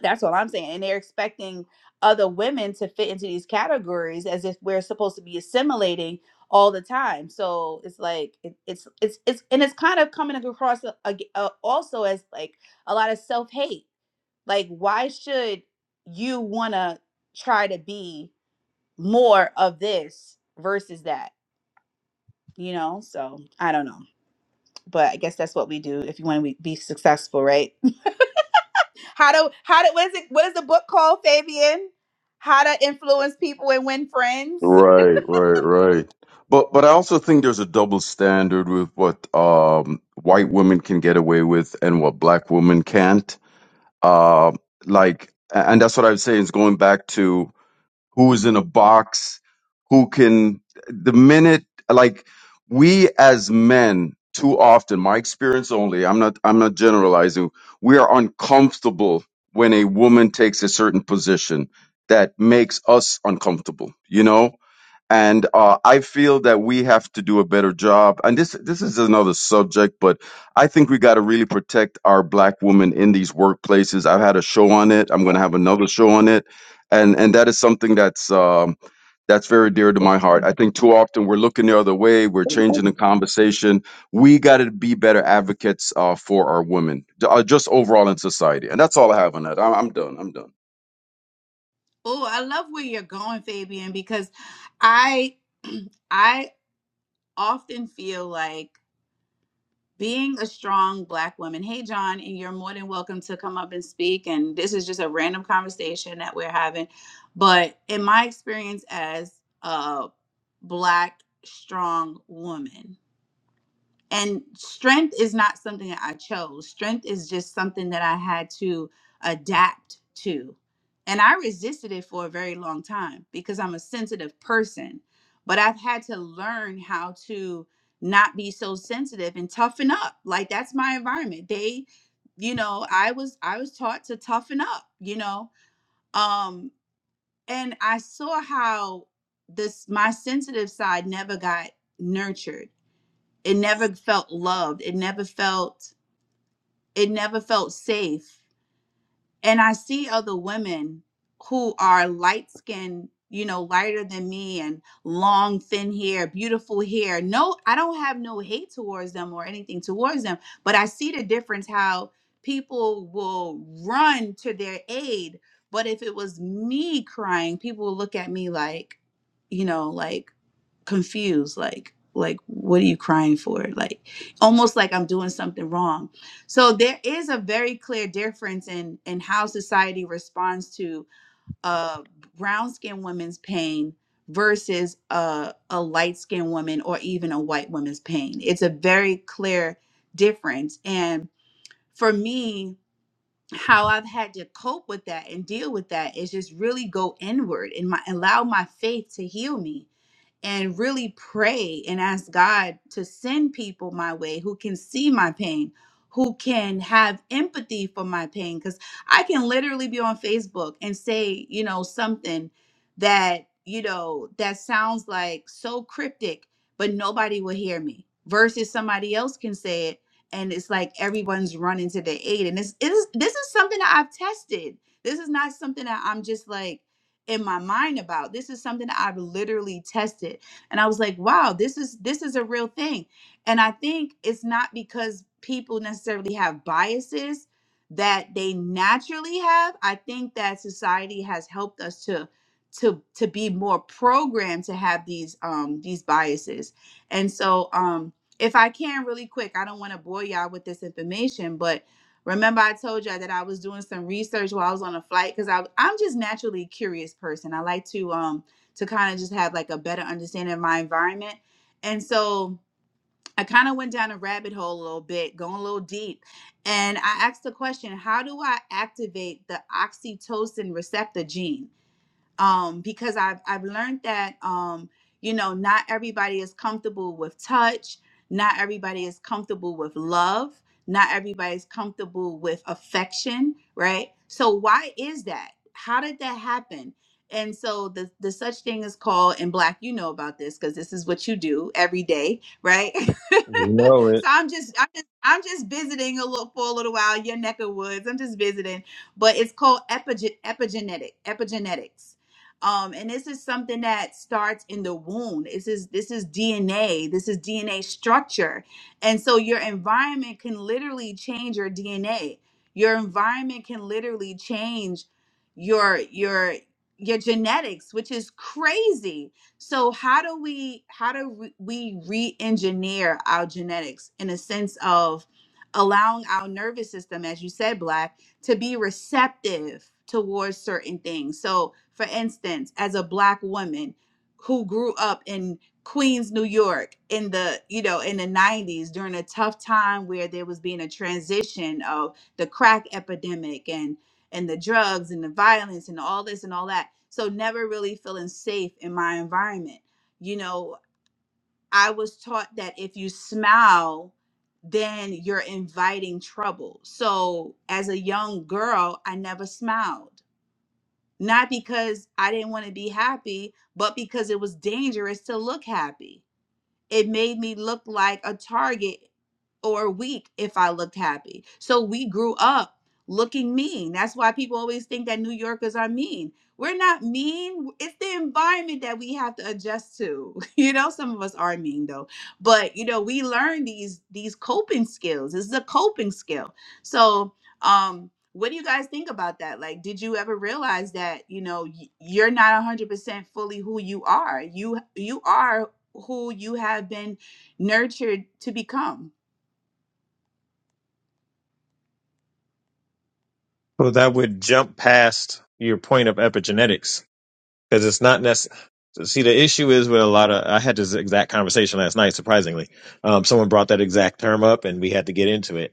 that's all I'm saying. And they're expecting other women to fit into these categories as if we're supposed to be assimilating all the time. So it's like it, it's it's it's and it's kind of coming across a- a- uh, also as like a lot of self-hate. Like why should you want to try to be more of this versus that? you know so i don't know but i guess that's what we do if you want to be successful right how to how to what is it what is the book called fabian how to influence people and win friends
Right, right, right. But but I also think there's a double standard with what um white women can get away with and what black women can't. Uh, like a- and that's what I was saying is going back to who is in a box, who can the minute like we as men too often, my experience only, I'm not I'm not generalizing, we are uncomfortable when a woman takes a certain position that makes us uncomfortable, you know? and uh, I feel that we have to do a better job. And this this is another subject, but I think we got to really protect our black women in these workplaces. I've had a show on it. I'm going to have another show on it, and and that is something that's um, that's very dear to my heart. I think too often we're looking the other way. We're changing the conversation. We got to be better advocates uh, for our women, j- uh, just overall in society. And that's all I have on that. I'm, I'm done. I'm done.
Oh, I love where you're going, Fabian, because I I often feel like being a strong black woman hey john and you're more than welcome to come up and speak and this is just a random conversation that we're having but in my experience as a black strong woman and strength is not something that I chose. Strength is just something that I had to adapt to. And I resisted it for a very long time because I'm a sensitive person. But I've had to learn how to not be so sensitive and toughen up. Like that's my environment. They, you know, I was I was taught to toughen up, you know. Um and I saw how this my sensitive side never got nurtured it never felt loved it never felt it never felt safe and i see other women who are light skinned you know lighter than me and long thin hair beautiful hair no i don't have no hate towards them or anything towards them but i see the difference how people will run to their aid but if it was me crying people would look at me like you know like confused like like what are you crying for like almost like i'm doing something wrong so there is a very clear difference in in how society responds to uh brown skinned woman's pain versus a, a light skinned woman or even a white woman's pain it's a very clear difference and for me how i've had to cope with that and deal with that is just really go inward and my allow my faith to heal me and really pray and ask God to send people my way who can see my pain, who can have empathy for my pain. Because I can literally be on Facebook and say, you know, something that, you know, that sounds like so cryptic, but nobody will hear me versus somebody else can say it. And it's like everyone's running to their aid. And this is this is something that I've tested. This is not something that I'm just like in my mind about this is something that i've literally tested and i was like wow this is this is a real thing and i think it's not because people necessarily have biases that they naturally have i think that society has helped us to to to be more programmed to have these um these biases and so um if i can really quick i don't want to bore y'all with this information but Remember, I told you that I was doing some research while I was on a flight because I I'm just naturally a curious person. I like to um to kind of just have like a better understanding of my environment, and so I kind of went down a rabbit hole a little bit, going a little deep, and I asked the question: How do I activate the oxytocin receptor gene? um, because I've I've learned that um, you know not everybody is comfortable with touch, not everybody is comfortable with love, not everybody's comfortable with affection, right? So why is that? How did that happen? And so the the such thing is called and black. You know about this because this is what you do every day, right?
No,
so I'm just I'm just I'm just visiting a little for a little while your neck of woods. I'm just visiting but it's called epige- epigenetic epigenetics um and this is something that starts in the womb this is this is dna this is dna structure and so your environment can literally change your dna your environment can literally change your your your genetics which is crazy so how do we how do we we re-engineer our genetics in a sense of allowing our nervous system as you said black to be receptive towards certain things. So, for instance, as a black woman who grew up in Queens, New York in the, you know, in the 90s during a tough time where there was being a transition of the crack epidemic and and the drugs and the violence and all this and all that. So never really feeling safe in my environment. You know, I was taught that if you smile, then you're inviting trouble. So as a young girl, I never smiled. Not because I didn't want to be happy, but because it was dangerous to look happy it made me look like a target or weak if I looked happy. So we grew up looking mean. That's why people always think that New Yorkers are mean. We're not mean. It's the environment that we have to adjust to. You know, some of us are mean though. But you know, we learn these these coping skills. This is a coping skill. So um what do you guys think about that? Like, did you ever realize that you know y- you're not 100% fully who you are? You you are who you have been nurtured to become.
Well, that would jump past your point of epigenetics because it's not necessary. See, the issue is with a lot of. I had this exact conversation last night. Surprisingly, um, someone brought that exact term up, and we had to get into it.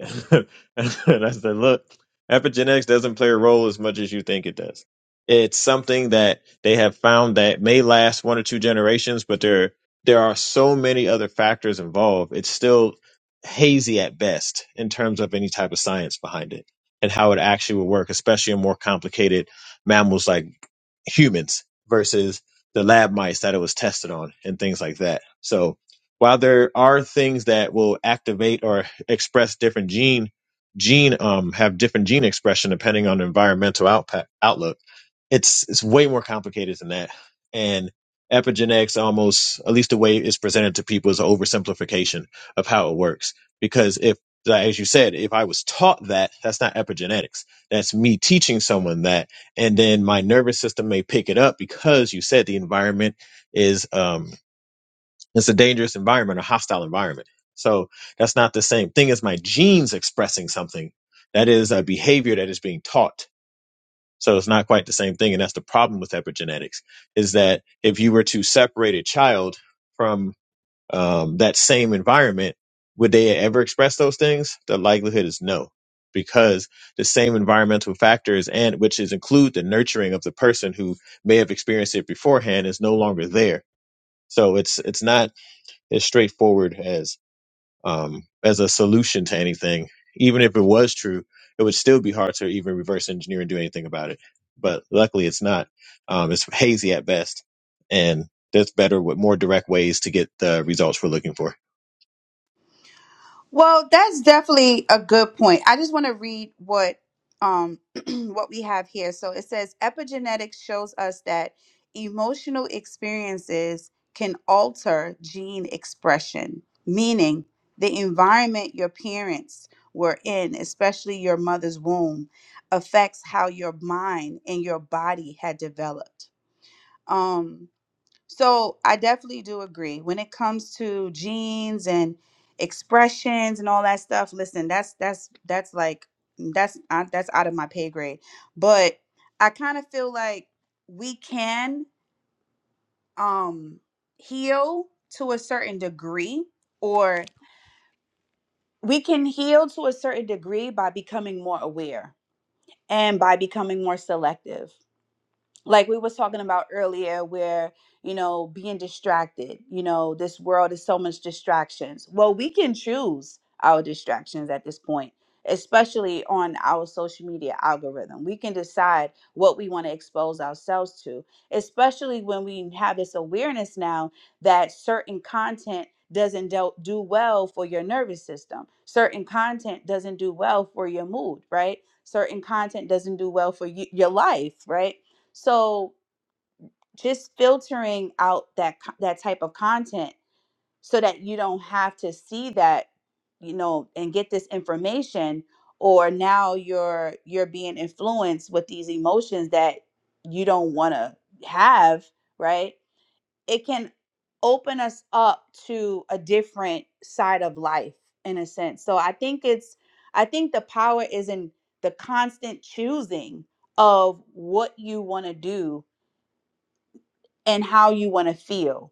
and I said, "Look, epigenetics doesn't play a role as much as you think it does. It's something that they have found that may last one or two generations, but there there are so many other factors involved. It's still hazy at best in terms of any type of science behind it and how it actually will work, especially in more complicated mammals like humans versus the lab mice that it was tested on and things like that. So while there are things that will activate or express different gene gene um have different gene expression depending on the environmental outpa- outlook it's it's way more complicated than that. And epigenetics almost, at least the way it's presented to people, is an oversimplification of how it works. Because if, like, as you said, if I was taught that, that's not epigenetics. That's me teaching someone that, and then my nervous system may pick it up because you said the environment is um it's a dangerous environment, a hostile environment. So that's not the same thing as my genes expressing something. That is a behavior that is being taught so it's not quite the same thing. And that's the problem with epigenetics is that if you were to separate a child from um, that same environment, would they ever express those things? The likelihood is no, because the same environmental factors and which is include the nurturing of the person who may have experienced it beforehand is no longer there. So it's it's not as straightforward as um, as a solution to anything. Even if it was true, it would still be hard to even reverse engineer and do anything about it. But luckily, it's not. Um, it's hazy at best, and that's better with more direct ways to get the results we're looking for.
Well, that's definitely a good point. I just want to read what um what we have here. So it says epigenetics shows us that emotional experiences can alter gene expression, meaning the environment your parents were in, especially your mother's womb, affects how your mind and your body had developed. Um So I definitely do agree when it comes to genes and expressions and all that stuff. Listen, that's that's that's like that's uh, that's out of my pay grade. But I kind of feel like we can um heal to a certain degree or we can heal to a certain degree by becoming more aware and by becoming more selective like we was talking about earlier where you know being distracted you know this world is so much distractions well we can choose our distractions at this point especially on our social media algorithm we can decide what we want to expose ourselves to especially when we have this awareness now that certain content doesn't do, do well for your nervous system certain content doesn't do well for your mood right certain content doesn't do well for you, your life right so just filtering out that co- that type of content so that you don't have to see that, you know, and get this information or now you're you're being influenced with these emotions that you don't want to have, right? It can open us up to a different side of life in a sense. So I think it's I think the power is in the constant choosing of what you want to do and how you want to feel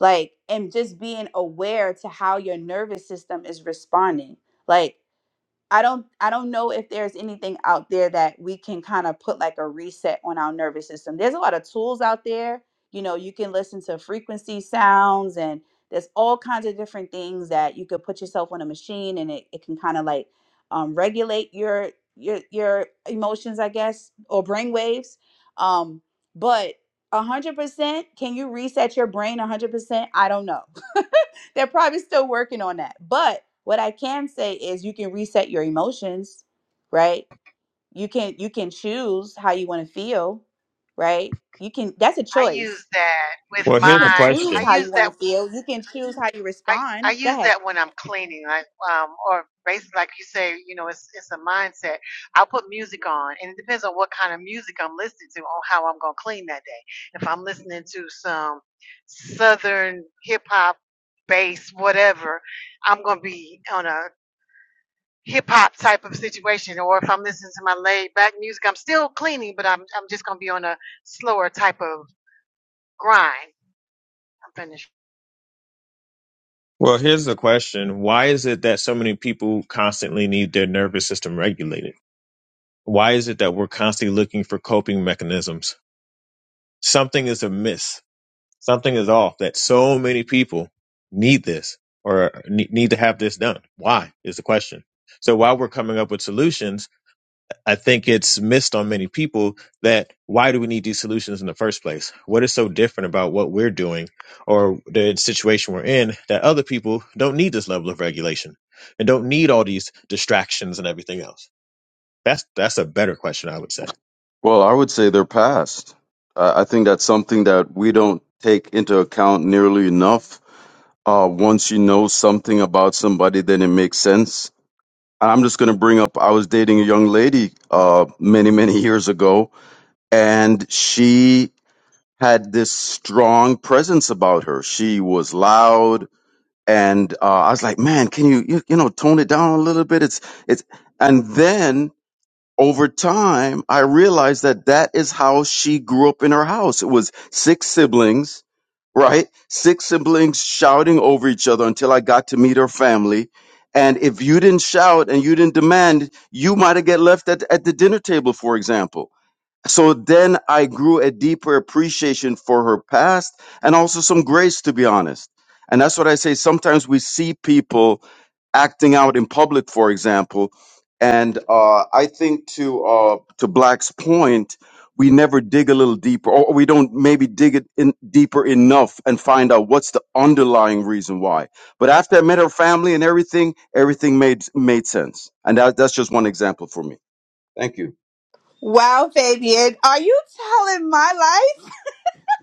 like and just being aware to how your nervous system is responding like I don't I don't know if there's anything out there that we can kind of put like a reset on our nervous system. There's a lot of tools out there. You know, you can listen to frequency sounds and there's all kinds of different things that you could put yourself on a machine and it, it can kind of like um, regulate your your your emotions, I guess, or brain waves. Um, but a hundred percent, can you reset your brain a hundred percent? I don't know. They're probably still working on that. But what I can say is you can reset your emotions, right? You can you can choose how you want to feel, right? You can that's a
I use
choice.
that
You
with
Well,
you
here's the
can
mine.
choose
I
question.
how you
use that.
want to feel. You can choose how you
I, I
respond. Go
use
ahead.
that when I'm cleaning, like um, or basically like you say, you know, it's it's a mindset. I'll put music on, and it depends on what kind of music I'm listening to on how I'm gonna clean that day. If I'm listening to some southern hip hop, bass, whatever, I'm gonna be on a hip hop type of situation, or if I'm listening to my laid back music, I'm still cleaning, but I'm I'm just gonna be on a slower type of grind. I'm finished.
Well, here's the question. Why is it that so many people constantly need their nervous system regulated? Why is it that we're constantly looking for coping mechanisms? Something is amiss Something is off that so many people need this or ne- need to have this done. Why is the question. So while we're coming up with solutions, I think it's missed on many people that why do we need these solutions in the first place? What is so different about what we're doing or the situation we're in that other people don't need this level of regulation and don't need all these distractions and everything else? That's that's a better question, I would say.
Well, I would say they're past. I I think that's something that we don't take into account nearly enough. Uh, once you know something about somebody, then it makes sense. And I'm just going to bring up I was dating a young lady uh, many, many years ago, and she had this strong presence about her. She was loud. And uh, I was like, man, can you, you you know tone it down a little bit? It's it's and then over time, I realized that that is how she grew up in her house. It was six siblings, right? Six siblings shouting over each other until I got to meet her family. And if you didn't shout and you didn't demand, you might have get left at, at the dinner table, for example. So then I grew a deeper appreciation for her past and also some grace, to be honest. And that's what I say. Sometimes we see people acting out in public, for example. And uh, I think to uh, to Black's point, we never dig a little deeper, or we don't maybe dig it in deeper enough and find out what's the underlying reason why. But after I met her family and everything, everything made made sense. And that, that's just one example for me. Thank you.
Wow, Fabian. Are you telling my life?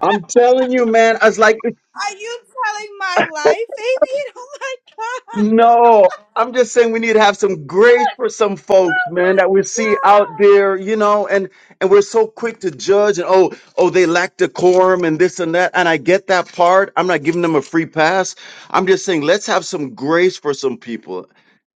I'm telling you, man. I was like,
Are you telling my life, Fabian? Oh
No, I'm just saying we need to have some grace for some folks, man, that we see
my god.
out there, you know, and and we're so quick to judge and oh, oh, they lack decorum and this and that. And I get that part. I'm not giving them a free pass. I'm just saying let's have some grace for some people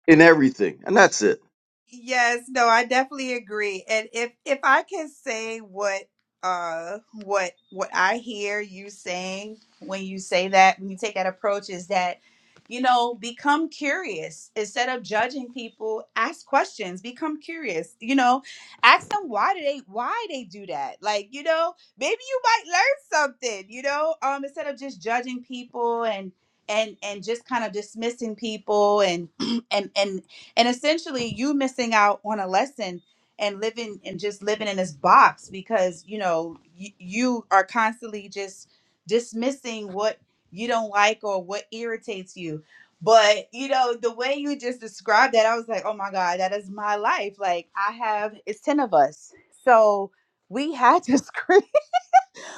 in everything. And that's it.
Yes, no, I definitely agree. And if if I can say what uh what what I hear you saying when you say that, when you take that approach is that you know, become curious instead of judging people, ask questions, become curious. You know, ask them why do they why they do that? Like, you know, maybe you might learn something, you know, um instead of just judging people and and and just kind of dismissing people and and and and essentially you missing out on a lesson and living and just living in this box because you know you, you are constantly just dismissing what you don't like or what irritates you but you know the way you just described that i was like oh my god that is my life like i have it's 10 of us so we had to scream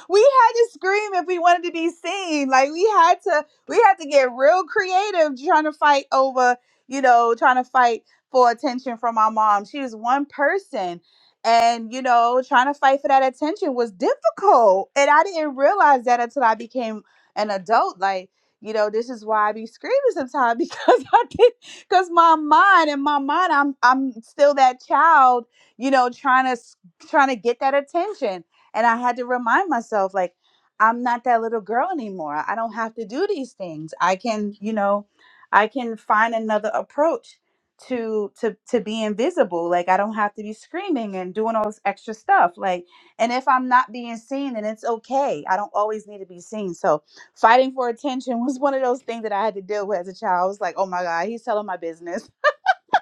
we had to scream if we wanted to be seen. Like we had to we had to get real creative trying to fight over, you know, trying to fight for attention from our mom. She was one person. And you know, trying to fight for that attention was difficult. And I didn't realize that until I became an adult. Like, you know, this is why I be screaming sometimes because I did because my mind and my mind, I'm I'm still that child, you know, trying to s- trying to get that attention and I had to remind myself, like, I'm not that little girl anymore. I don't have to do these things. I can, you know, I can find another approach to to to being visible. Like I don't have to be screaming and doing all this extra stuff. Like, and if I'm not being seen, then it's okay. I don't always need to be seen. So fighting for attention was one of those things that I had to deal with as a child. I was like, oh my God, he's telling my business.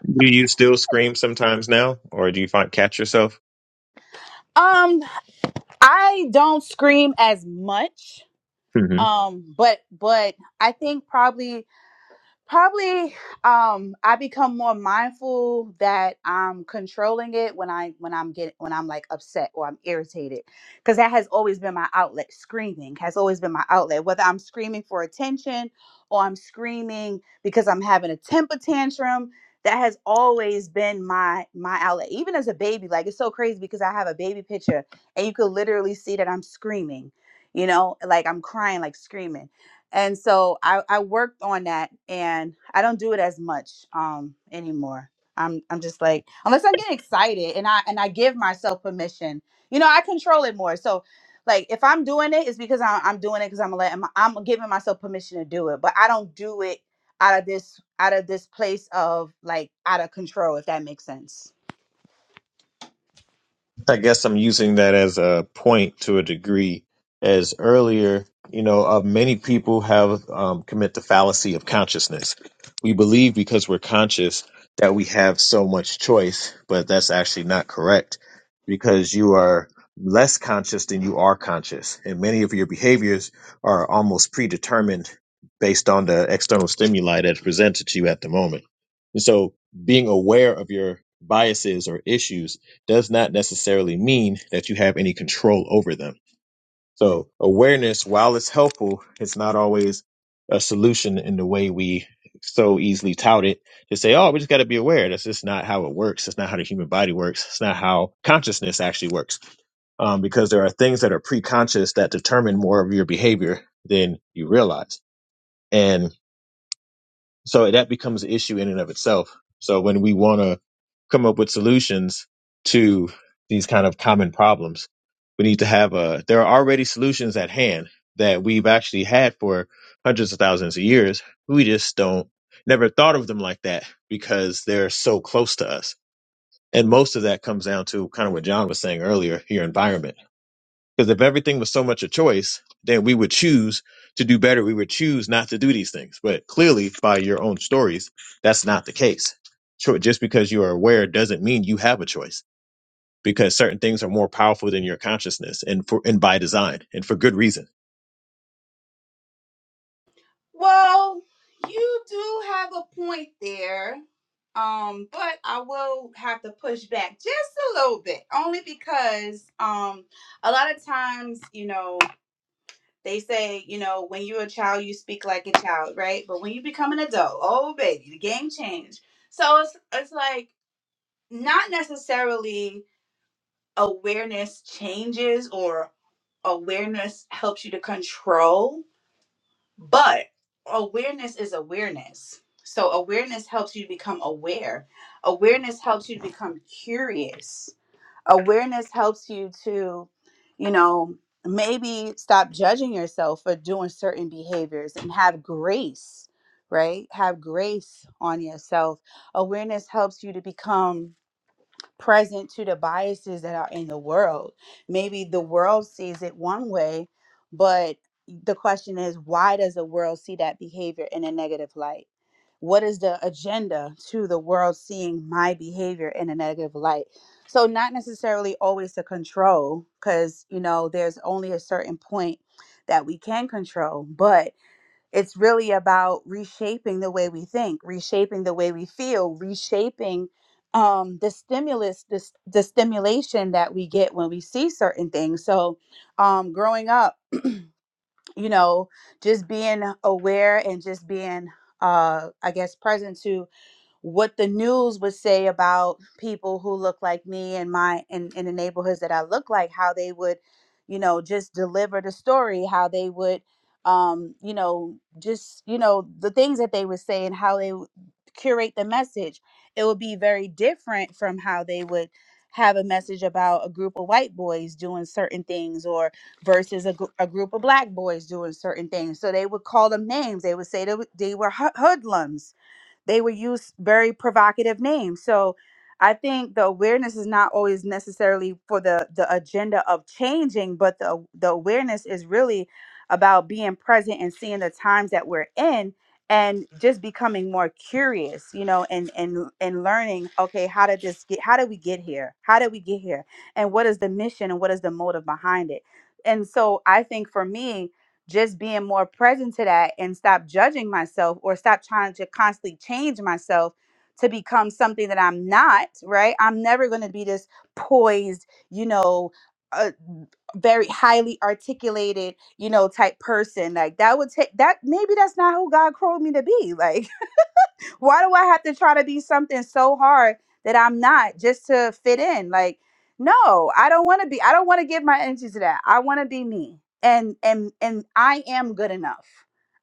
Do you still scream sometimes now, or do you find catch yourself?
Um, I don't scream as much Um, but but I think probably probably um i become more mindful that i'm controlling it when i when i'm getting when i'm like upset or i'm irritated because that has always been my outlet screaming has always been my outlet whether i'm screaming for attention or i'm screaming because i'm having a temper tantrum that has always been my my outlet even as a baby like it's so crazy because i have a baby picture and you could literally see that i'm screaming you know like i'm crying like screaming and so I, I worked on that and I don't do it as much um anymore. I'm I'm just like unless I'm getting excited and I and I give myself permission. You know, I control it more. So like if I'm doing it, it's because I'm, I'm doing it because I'm letting my, I'm giving myself permission to do it. But I don't do it out of this out of this place of like out of control, if that makes sense.
I guess I'm using that as a point to a degree. As earlier, you know, uh, many people have um, commit the fallacy of consciousness. We believe because we're conscious that we have so much choice, but that's actually not correct because you are less conscious than you are conscious. And many of your behaviors are almost predetermined based on the external stimuli that's presented to you at the moment. And so being aware of your biases or issues does not necessarily mean that you have any control over them. So awareness, while it's helpful, it's not always a solution in the way we so easily tout it to say, oh, we just got to be aware. That's just not how it works. That's not how the human body works. It's not how consciousness actually works. Um, because there are things that are pre-conscious that determine more of your behavior than you realize. And so that becomes an issue in and of itself. So when we want to come up with solutions to these kind of common problems, we need to have a, there are already solutions at hand that we've actually had for hundreds of thousands of years. We just don't, never thought of them like that because they're so close to us. And most of that comes down to kind of what John was saying earlier, your environment because if everything was so much a choice, then we would choose to do better. We would choose not to do these things. But clearly, by your own stories, that's not the case. Cho- Just because you are aware doesn't mean you have a choice because certain things are more powerful than your consciousness and for, and by design and for good reason.
Well, you do have a point there. Um, but I will have to push back just a little bit, only because um a lot of times, you know, they say, you know, when you're a child, you speak like a child, right? But when you become an adult, oh baby, the game changed. So it's it's like not necessarily awareness changes or awareness helps you to control but awareness is awareness. So awareness helps you become aware. Awareness helps you to become curious. Awareness helps you to, you know, maybe stop judging yourself for doing certain behaviors and have grace, right? Have grace on yourself. Awareness helps you to become present to the biases that are in the world. Maybe the world sees it one way, but the question is why does the world see that behavior in a negative light? What is the agenda to the world seeing my behavior in a negative light? So, not necessarily always to control, because, you know, there's only a certain point that we can control, but it's really about reshaping the way we think reshaping the way we feel reshaping um, the stimulus the, s- the stimulation that we get when we see certain things so um, growing up you know just being aware and just being uh, i guess present to what the news would say about people who look like me and my in, in the neighborhoods that I look like, how they would, you know, just deliver the story, how they would um, you know, just, you know, the things that they would say and how they would curate the message. It would be very different from how they would have a message about a group of white boys doing certain things or versus a, gr- a group of black boys doing certain things. So they would call them names. They would say they, w- they were hoo- hoodlums they would use very provocative names. So I think the awareness is not always necessarily for the the agenda of changing, but the the awareness is really about being present and seeing the times that we're in and just becoming more curious, you know, and and and learning, okay, how did this get how did we get here? How did we get here? And what is the mission and what is the motive behind it? And so I think for me, just being more present to that and stop judging myself or stop trying to constantly change myself to become something that I'm not, right? I'm never going to be this poised, you know, uh, very highly articulated, you know, type person. Like that would take that maybe that's not who God called me to be. Like. Why do I have to try to be something so hard that I'm not just to fit in? Like, no, I don't want to be. I don't want to give my energy to that. I want to be me. And and and I am good enough.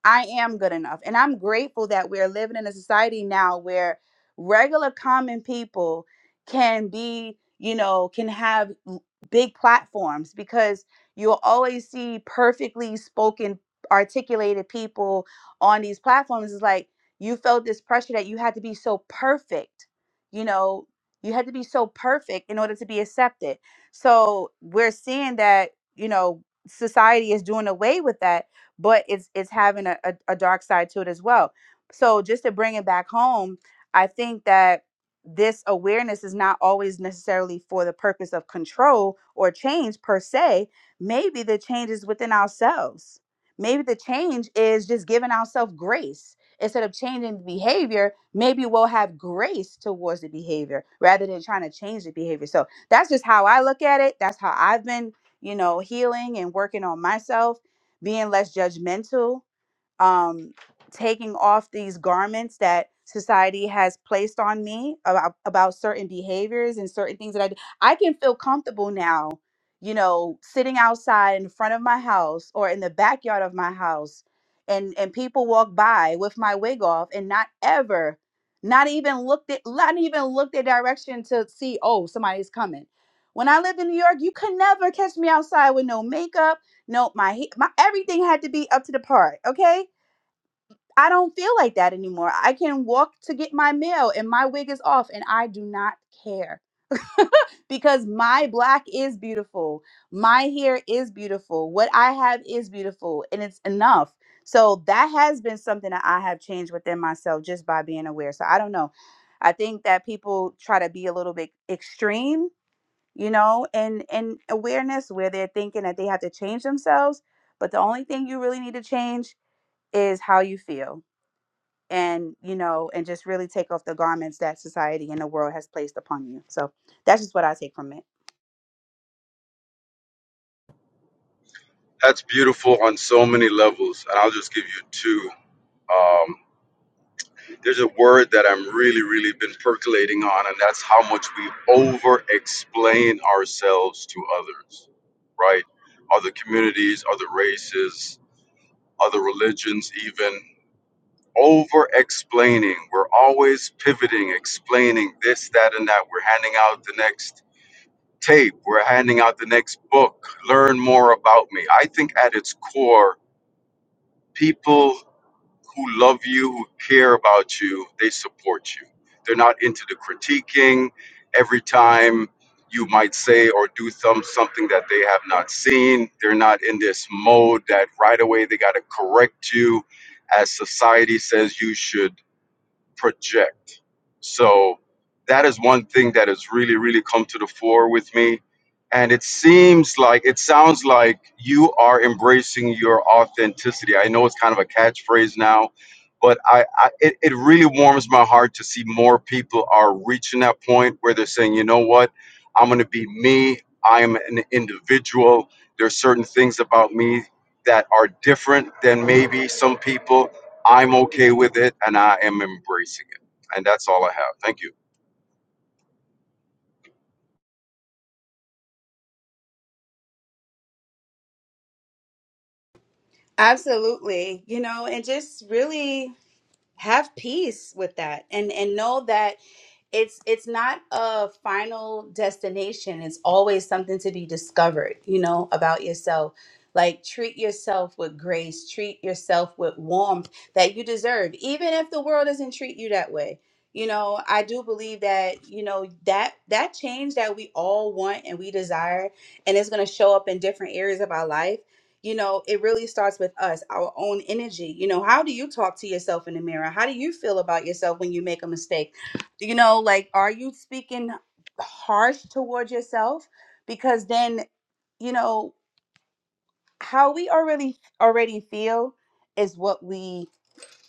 I am good enough. And I'm grateful that we're living in a society now where regular common people can be, you know, can have l- big platforms because you'll always see perfectly spoken articulated people on these platforms It's like you felt this pressure that you had to be so perfect you know you had to be so perfect in order to be accepted so we're seeing that you know society is doing away with that but it's it's having a, a, a dark side to it as well so just to bring it back home i think that this awareness is not always necessarily for the purpose of control or change per se maybe the change is within ourselves maybe the change is just giving ourselves grace instead of changing the behavior, maybe we'll have grace towards the behavior rather than trying to change the behavior. So that's just how I look at it. That's how I've been, you know, healing and working on myself, being less judgmental um, taking off these garments that society has placed on me about, about certain behaviors and certain things that I do. I can feel comfortable now, you know, sitting outside in front of my house or in the backyard of my house and and people walk by with my wig off and not ever not even looked at not even looked their direction to see oh somebody's coming when i lived in new york you could never catch me outside with no makeup no my, he- my everything had to be up to the part okay I don't feel like that anymore. I can walk to get my mail and my wig is off and I do not care because my black is beautiful. My hair is beautiful. What I have is beautiful and it's enough. So that has been something that I have changed within myself just by being aware. So I don't know. I think that people try to be a little bit extreme, you know, and and awareness where they're thinking that they have to change themselves, but the only thing you really need to change is how you feel and you know and just really take off the garments that society and the world has placed upon you so that's just what i take from it
That's beautiful on so many levels, and I'll just give you two. there's a word that I'm really, really been percolating on, and that's how much we over explain ourselves to others, right? Other communities, other races, other religions, even over explaining. We're always pivoting, explaining this, that, and that. We're handing out the next tape, we're handing out the next book, learn more about me. I think at its core, people. who love you, who care about you, they support you. They're not into the critiquing every time you might say or do some something that they have not seen. They're not in this mode that right away they got to correct you as society says you should project. So that is one thing that has really, really come to the fore with me. And it seems like, it sounds like you are embracing your authenticity. I know it's kind of a catchphrase now, but I, I it, it really warms my heart to see more people are reaching that point where they're saying, you know what, I'm going to be me. I'm an individual. There's certain things about me that are different than maybe some people I'm okay with it and I am embracing it. And that's all I have. Thank you.
Absolutely. You know, and just really have peace with that and and know that it's it's not a final destination it's always something to be discovered you know about yourself like treat yourself with grace treat yourself with warmth that you deserve even if the world doesn't treat you that way you know i do believe that you know that that change that we all want and we desire and it's going to show up in different areas of our life you know it really starts with us our own energy you know how do you talk to yourself in the mirror how do you feel about yourself when you make a mistake you know like are you speaking harsh towards yourself because then you know how we already already feel is what we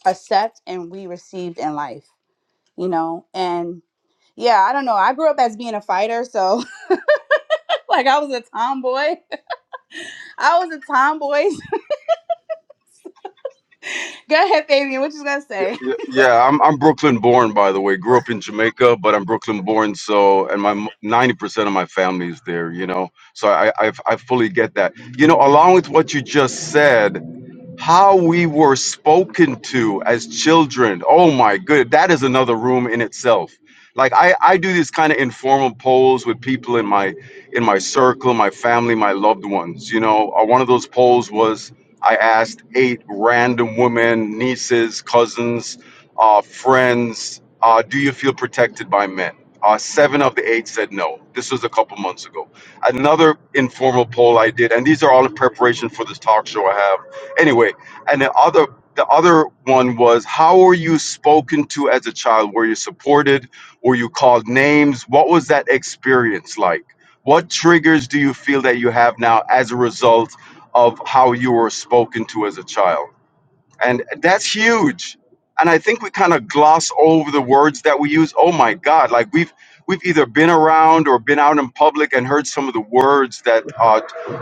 accept and we received in life you know and yeah i don't know i grew up as being a fighter so like i was a tomboy i was a tomboy go ahead fabian what you gonna say
Y- Yeah, I'm I'm Brooklyn born by the way. Grew up in Jamaica, but I'm Brooklyn born so and my 90% of my family is there, you know. So I I I fully get that. You know, along with what you just said, how we were spoken to as children. Oh my good, that is another room in itself. Like I, I do these kind of informal polls with people in my in my circle, my family, my loved ones. You know, Uh, one of those polls was I asked eight random women, nieces, cousins, uh, friends, uh, do you feel protected by men? Uh, seven of the eight said no. This was a couple months ago. Another informal poll I did, and these are all in preparation for this talk show I have Anyway, and the other the other one was how were you spoken to as a child? Were you supported? Were you called names? What was that experience like? What triggers do you feel that you have now as a result of how you were spoken to as a child? And that's huge. And I think we kind of gloss over the words that we use. Oh my God, like we've we've either been around or been out in public and heard some of the words that uh,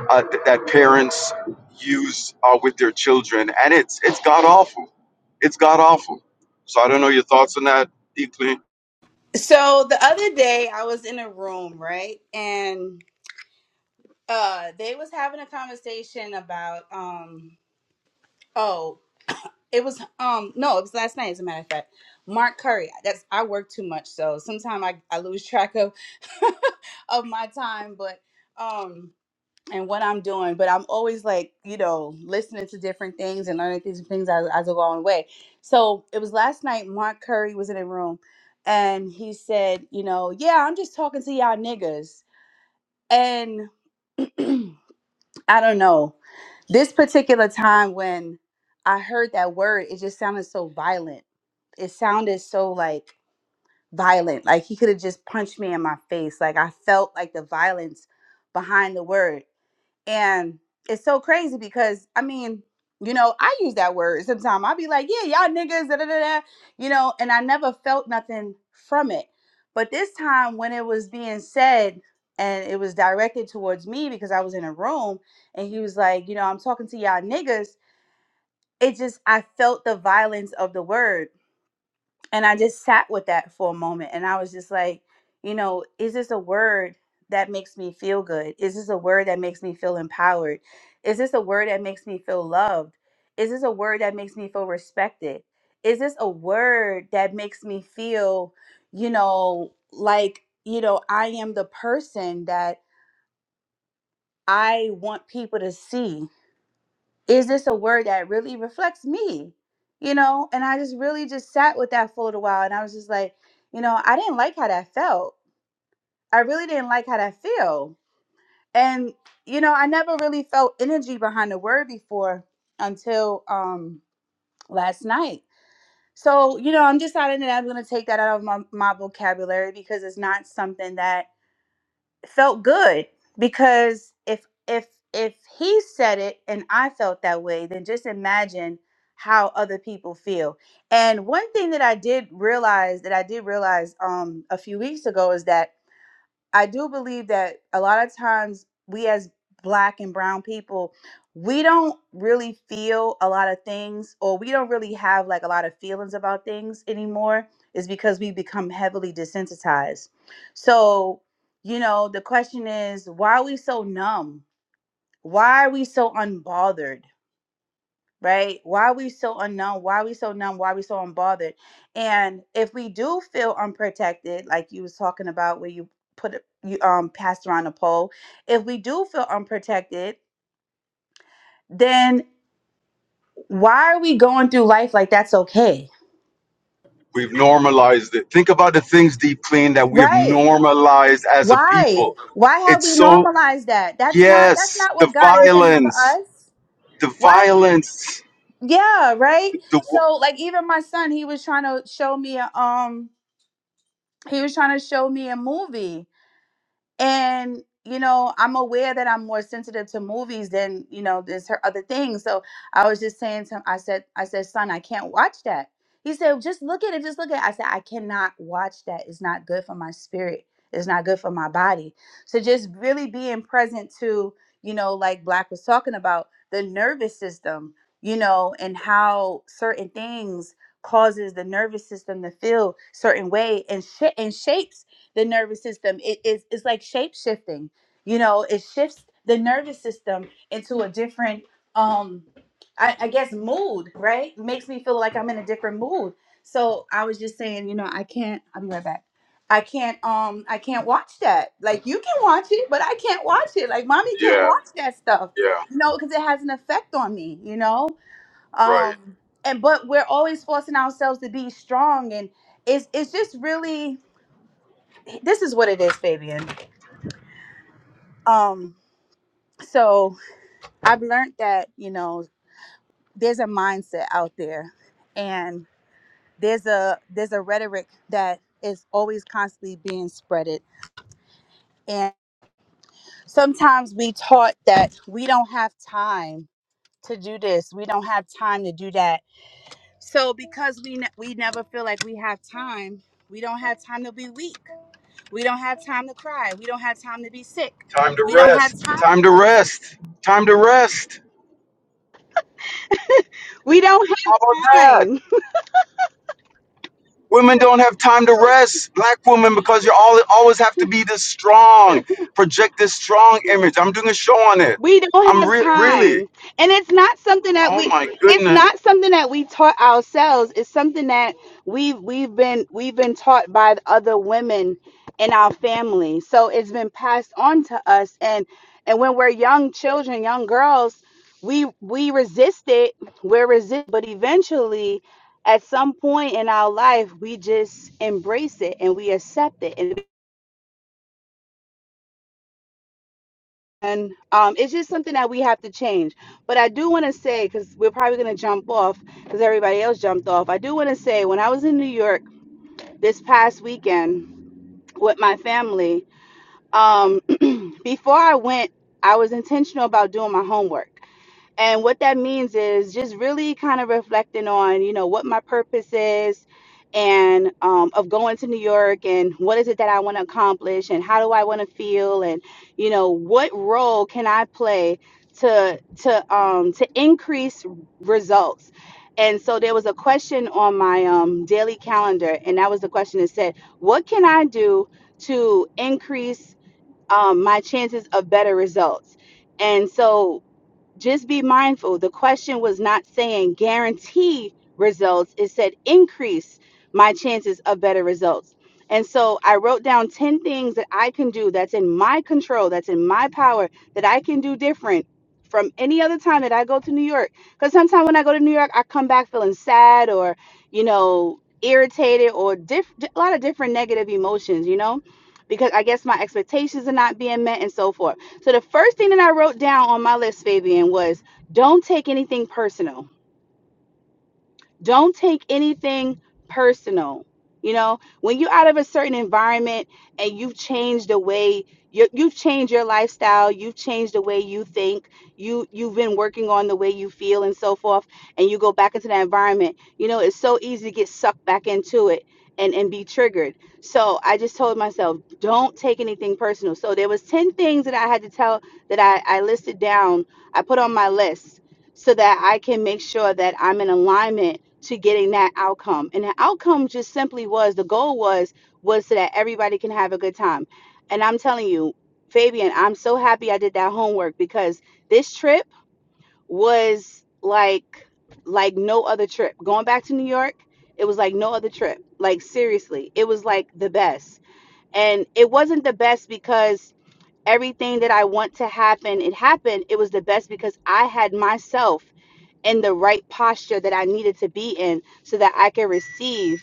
uh, th- that parents use uh, with their children, and it's it's god awful. It's god awful. So I don't know your thoughts on that, Deep Clean.
so the other day i was in a room right and uh they was having a conversation about um Oh, it was um no, it was last night as a matter of fact. Mark Curry. That's I work too much, so sometimes I, I lose track of of my time, but um and what I'm doing, but I'm always like you know listening to different things and learning things things as, as I go on the way. So it was last night. Mark Curry was in a room, and he said, you know, yeah, I'm just talking to y'all niggas, and I don't know this particular time when I heard that word, it just sounded so violent it sounded so like violent like he could have just punched me in my face like i felt like the violence behind the word and it's so crazy because i mean you know i use that word sometimes i'll be like yeah y'all niggas da, da, da, da," you know and i never felt nothing from it but this time when it was being said and it was directed towards me because i was in a room and he was like you know i'm talking to y'all niggas it just i felt the violence of the word and I just sat with that for a moment and I was just like, you know, is this a word that makes me feel good? Is this a word that makes me feel empowered? Is this a word that makes me feel loved? Is this a word that makes me feel respected? Is this a word that makes me feel, you know, like, you know, I am the person that I want people to see? is this a word that really reflects me you know and i just really just sat with that for a little while and i was just like you know i didn't like how that felt i really didn't like how that feel and you know i never really felt energy behind the word before until um last night so you know i'm deciding that i'm going to take that out of my, my vocabulary because it's not something that felt good because if if if he said it and I felt that way, then just imagine how other people feel. And one thing that I did realize that I did realize um a few weeks ago is that I do believe that a lot of times we as black and brown people, we don't really feel a lot of things or we don't really have like a lot of feelings about things anymore is because we become heavily desensitized. So, you know, the question is why are we so numb? Why are we so unbothered? right? Why are we so unknown? Why are we so numb? Why are we so unbothered? And if we do feel unprotected, like you was talking about where you put it- you um passed around a poll, if we do feel unprotected, then why are we going through life like that's okay?
We've normalized it. Think about the things, Deep Clean, that we have
Right.
normalized as a
Why?
people.
Why have
It's
we
so
normalized that? That's not that's
yes,
not
the
what God intended for
violence,
us.
the
Why
violence.
yeah, right?
The wo-
So like even my son, he was trying to show me a um he was trying to show me a movie and you know i'm aware that i'm more sensitive to movies than you know there's her other things so i was just saying to him i said i said son i can't watch that he said just look at it just look at it i said i cannot watch that it's not good for my spirit it's not good for my body so just really being present to you know like black was talking about the nervous system you know and how certain things causes the nervous system to feel certain way and sh- and shapes the nervous system. It is it's like shape shifting. You know, it shifts the nervous system into a different um I, I guess mood, right? Makes me feel like I'm in a different mood. So I was just saying, you know, I can't I'll be right back. I can't um I can't watch that. Like you can watch it, but I can't watch it. Like mommy can't
yeah,
watch that stuff.
yeah,
You know, because it has an effect on me, you know?
right.
Um and but we're always forcing ourselves to be strong and it's it's just really this is what it is, Fabian. Um, so I've learned that you know there's a mindset out there, and there's a there's a rhetoric that is always constantly being spreaded, and sometimes we taught that we don't have time to do this, we don't have time to do that. So because we ne- we never feel like we have time, we don't have time to be weak, we don't have time to cry, we don't have time to be sick,
Time to
we don't
rest.
have time,
Time to rest. Time to rest.
we don't
How
have
about that?
time
Women don't have time to rest. Black women, because you all always have to be this strong, project this strong image. I'm doing a show on it.
We don't
I'm
have
re- really.
time. And it's not something that
Oh
we
my
it's
goodness.
not something that we taught ourselves. It's something that we've we've been we've been taught by the other women in our family. So it's been passed on to us and and when we're young children, young girls, we we resist it. We're resist but eventually at some point in our life we just embrace it and we accept it. And and um, it's just something that we have to change. But I do want to say, because we're probably going to jump off, because everybody else jumped off. I do want to say, when I was in New York this past weekend with my family, um, before I went, I was intentional about doing my homework. And what that means is just really kind of reflecting on, you know, what my purpose is and um, of going to New York and what is it that I want to accomplish and how do I want to feel and, you know, what role can I play to to um, to increase results. And so there was a question on my um, daily calendar, and that was the question that said, what can I do to increase um, my chances of better results. And so just be mindful. The question was not saying guarantee results, it said increase my chances of better results. And so I wrote down 10 things that I can do that's in my control, that's in my power, that I can do different from any other time that I go to New York. Because sometimes when I go to New York, I come back feeling sad or, you know, irritated or diff- a lot of different negative emotions, you know, because I guess my expectations are not being met and so forth. So the first thing that I wrote down on my list, Fabian, was don't take anything personal don't take anything personal you know when you're out of a certain environment and you've changed the way you, you've changed your lifestyle you've changed the way you think you you've been working on the way you feel and so forth and you go back into that environment you know it's so easy to get sucked back into it and and be triggered so i just told myself don't take anything personal so there was 10 things that i had to tell that i i listed down i put on my list so that I can make sure that I'm in alignment to getting that outcome. And the outcome just simply was the goal was was so that everybody can have a good time. And I'm telling you, Fabian, I'm so happy I did that homework because this trip was like like no other trip. Going back to New York, it was like no other trip. Like seriously, it was like the best. And it wasn't the best because everything that I want to happen, it happened. It was the best because I had myself in the right posture that I needed to be in so that I could receive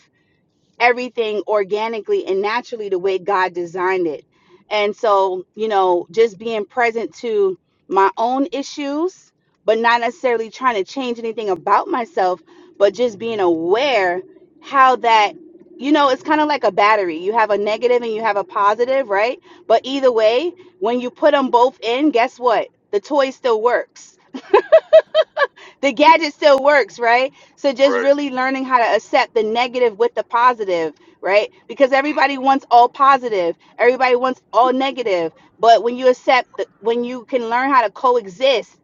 everything organically and naturally the way God designed it. And so, you know, just being present to my own issues, but not necessarily trying to change anything about myself, but just being aware how that, you know, it's kind of like a battery. You have a negative and you have a positive, right? But either way, when you put them both in, guess what? The toy still works the gadget still works, right? So just really learning how to accept the negative with the positive, right? Because everybody wants all positive, everybody wants all negative. But when you accept, the, when you can learn how to coexist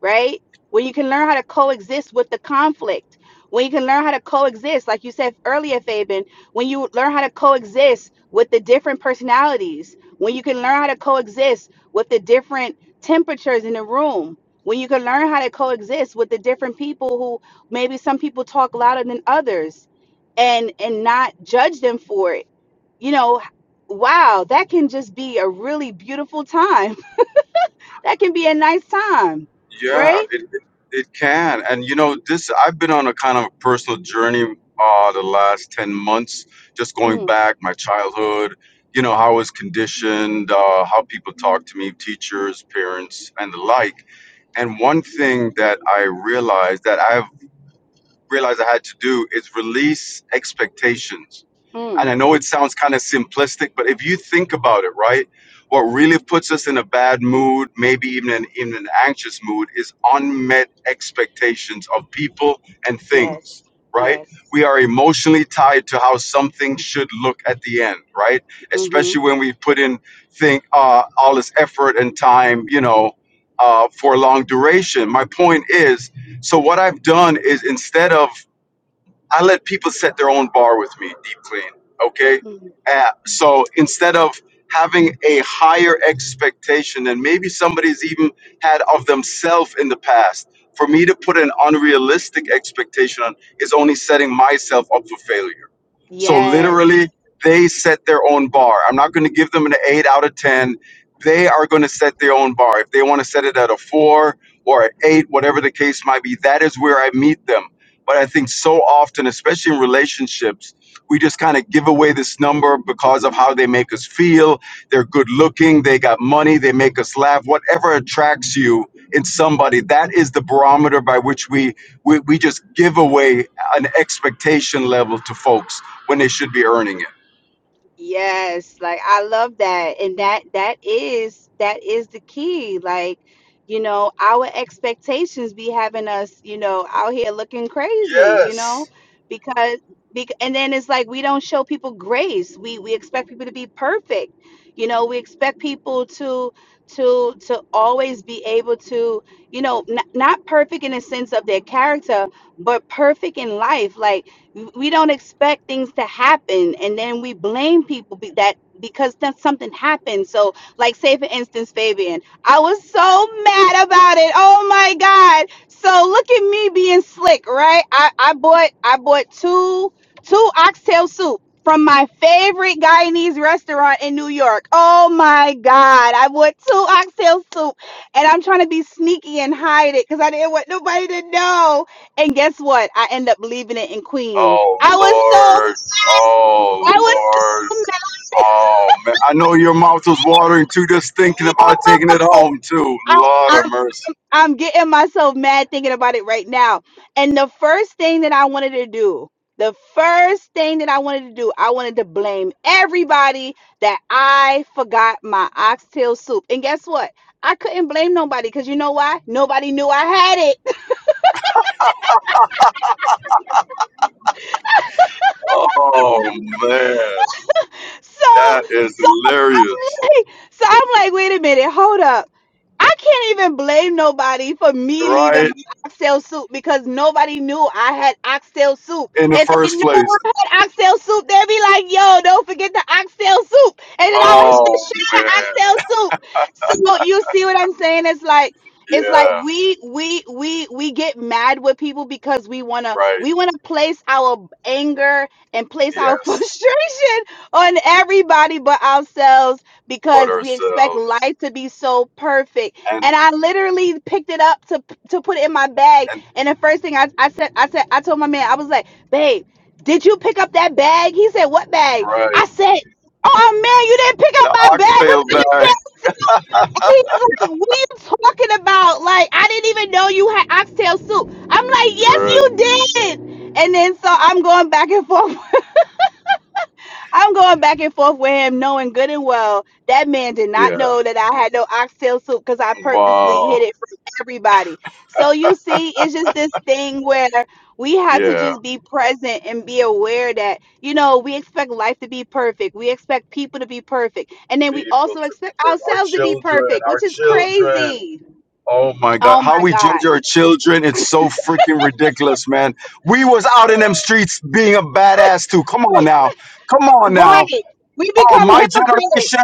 right? When you can learn how to coexist with the conflict, when you can learn how to coexist, like you said earlier, Fabian, when you learn how to coexist with the different personalities, when you can learn how to coexist with the different temperatures in the room, when you can learn how to coexist with the different people who maybe some people talk louder than others and and not judge them for it. You know, wow, that can just be a really beautiful time. that can be a nice time,
Yeah,
right?
it it it can. And you know, this I've been on a kind of personal journey uh the last 10 months, just going
Mm,
back my childhood, you know, how I was conditioned, uh how people talk to me, teachers, parents, and the like. And one thing that I realized that I've realized I had to do is release expectations and
mm.
I know it sounds kind of simplistic, but if you think about it, right, what really puts us in a bad mood, maybe even an, in an anxious mood, is unmet expectations of people and
Yes.
things, right?
Yes.
We are emotionally tied to how something should look at the end, right?
Mm-hmm.
Especially when we put in think uh, all this effort and time, you know, uh, for a long duration. My point is, so what I've done is instead of I let people set their own bar with me, deep clean. Okay.
hmm
Uh, so instead of having a higher expectation than maybe somebody's even had of themselves in the past, for me to put an unrealistic expectation on is only setting myself up for failure. So
Yes.
literally, they set their own bar. I'm not going to give them an eight out of 10. They are going to set their own bar. If they want to set it at a four or an eight, whatever the case might be, that is where I meet them but I think so often, especially in relationships, we just kind of give away this number because of how they make us feel. They're good looking, they got money, they make us laugh. Whatever attracts you in somebody, that is the barometer by which we, we, we just give away an expectation level to folks when they should be earning it.
Yes, like I love that. And that that is that is the key. Like, you know, our expectations be having us, you know, out here looking crazy, you know,
Yes.
because because and then it's like we don't show people grace. We we expect people to be perfect. You know, we expect people to to to always be able to, you know, not, not perfect in the sense of their character, but perfect in life. Like we don't expect things to happen and then we blame people be that because then something happened so like say for instance fabian i was so mad about it oh my god so look at me being slick right i, I bought i bought two two oxtail soup from my favorite Guyanese restaurant in New York. Oh my God. I bought two oxtail soup and I'm trying to be sneaky and hide it because I didn't want nobody to know and guess what? I end up leaving it in Queens.
Oh,
I was so
Lord.
mad. I was
Oh, Lord.
so
Oh man, I know your mouth was watering too, just
mad.
thinking about taking it
Yo,
home too.
I,
Lord of
I'm
mercy.
I'm getting myself mad thinking about it right now. And the first thing that I wanted to do, the first thing that I wanted to do, I wanted to blame everybody that I forgot my oxtail soup. And guess what? I couldn't blame nobody because you know why? Nobody knew I had it.
Oh man,
So
that is
So.
hilarious,
Hey, So I'm like, wait a minute, hold up. I can't even blame nobody for me leaving
right?
my oxtail soup because nobody knew I had oxtail soup.
In the
If they
first
knew
place.
I had oxtail soup, they'd be like, yo, don't forget the oxtail soup. And then I would have to
Oh
share the
man,
oxtail soup. So you see what I'm saying? It's like it's like
yeah,
we we we we get mad with people because we wanna
right.
we wanna place our anger and place our
Yes,
frustration on everybody but ourselves
but
because we expect
ourselves
life to be so perfect.
and
And I literally picked it up to to put it in my bag.
and
And the first thing I, I said, I said, I told my man, I was like, babe, did you pick up that bag? He said, what bag?
right
I said, oh man, you didn't pick up
the
my bag with
oxtail
the
bag.
oxtail soup. He's like, what are you talking about? Like, I didn't even know you had oxtail soup. I'm like, yes,
Right.
you did. And then so I'm going back and forth I'm going back and forth with him, knowing good and well that man did not
Yeah.
know that I had no oxtail soup because I purposely
Wow.
hid it from everybody. So you see, it's just this thing where we have to
Yeah.
just be present and be aware that you know we expect life to be perfect, we expect people to be perfect, and then we
People
also
to be
expect
for our
ourselves to be
children,
perfect,
our
which is
children.
crazy.
Oh my God.
Oh
How
my
we
God!
judge our children, it's so freaking ridiculous, man. We was out in them streets being a badass too. Come on now. Come on now.
Right? We
Oh,
become
my
hypocrites.
generation.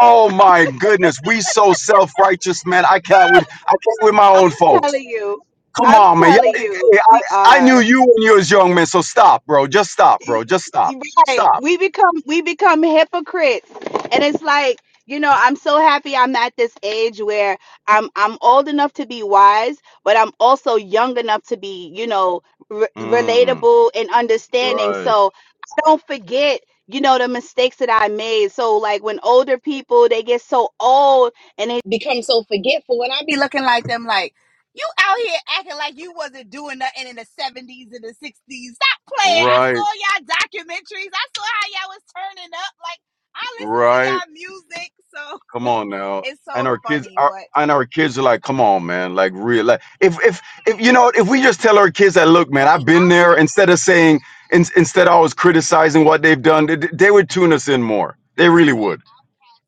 Oh my goodness. We so self-righteous, man. I can't with I can't with my own
I'm
folks.
telling you.
Come
I'm
on, man. you
telling
hey,
you, we
I, I
are.
knew you when you was young, man. So stop, bro. Just stop,
you
bro. Just stop.
you right.
Stop.
We become we become hypocrites. And it's like, you know, I'm so happy I'm at this age where I'm I'm old enough to be wise, but I'm also young enough to be, you know, re-
Mm,
relatable and understanding.
right.
So I don't forget you know the mistakes that I made. So like when older people they get so old and they become so forgetful, and I be looking like them like you out here acting like you wasn't doing nothing in the seventies and the sixties playing. I
Right.
saw y'all documentaries. I saw how y'all was turning up. Like I listen to
Right.
y'all music, so
Come on now.
it's
And
so
our kids
funny.
are
But
and our kids are like, come on, man, like real like if if if you know what, if we just tell our kids that look, man,
and
I've
we
been there
outcast
instead of saying in, instead of always criticizing what they've done, they, they would tune us in more. They really would.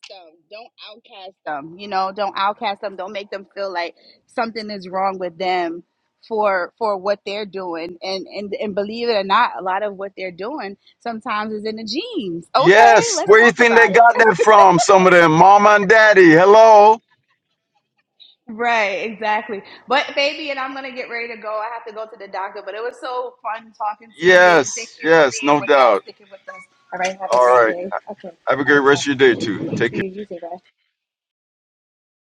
them. Don't outcast them. You know, don't outcast them. Don't make them feel like something is wrong with them for for what they're doing. And and and believe it or not, a lot of what they're doing sometimes is in the genes. Okay,
Yes.
let's
Where you
talk
think they
about it.
got that from? Some of them. Mama and daddy. Hello.
Right, exactly. But baby, and I'm gonna get ready to go. I have to go to the doctor, but it was so fun talking to you. Thank
Yes,
you for
yes,
being
no
with us,
doubt.
sticking with us. All right, have a
All
great
right.
day. Okay,
Have a
all
great
right, bye.
rest of your day too.
Thank
Take
you. You too, bye.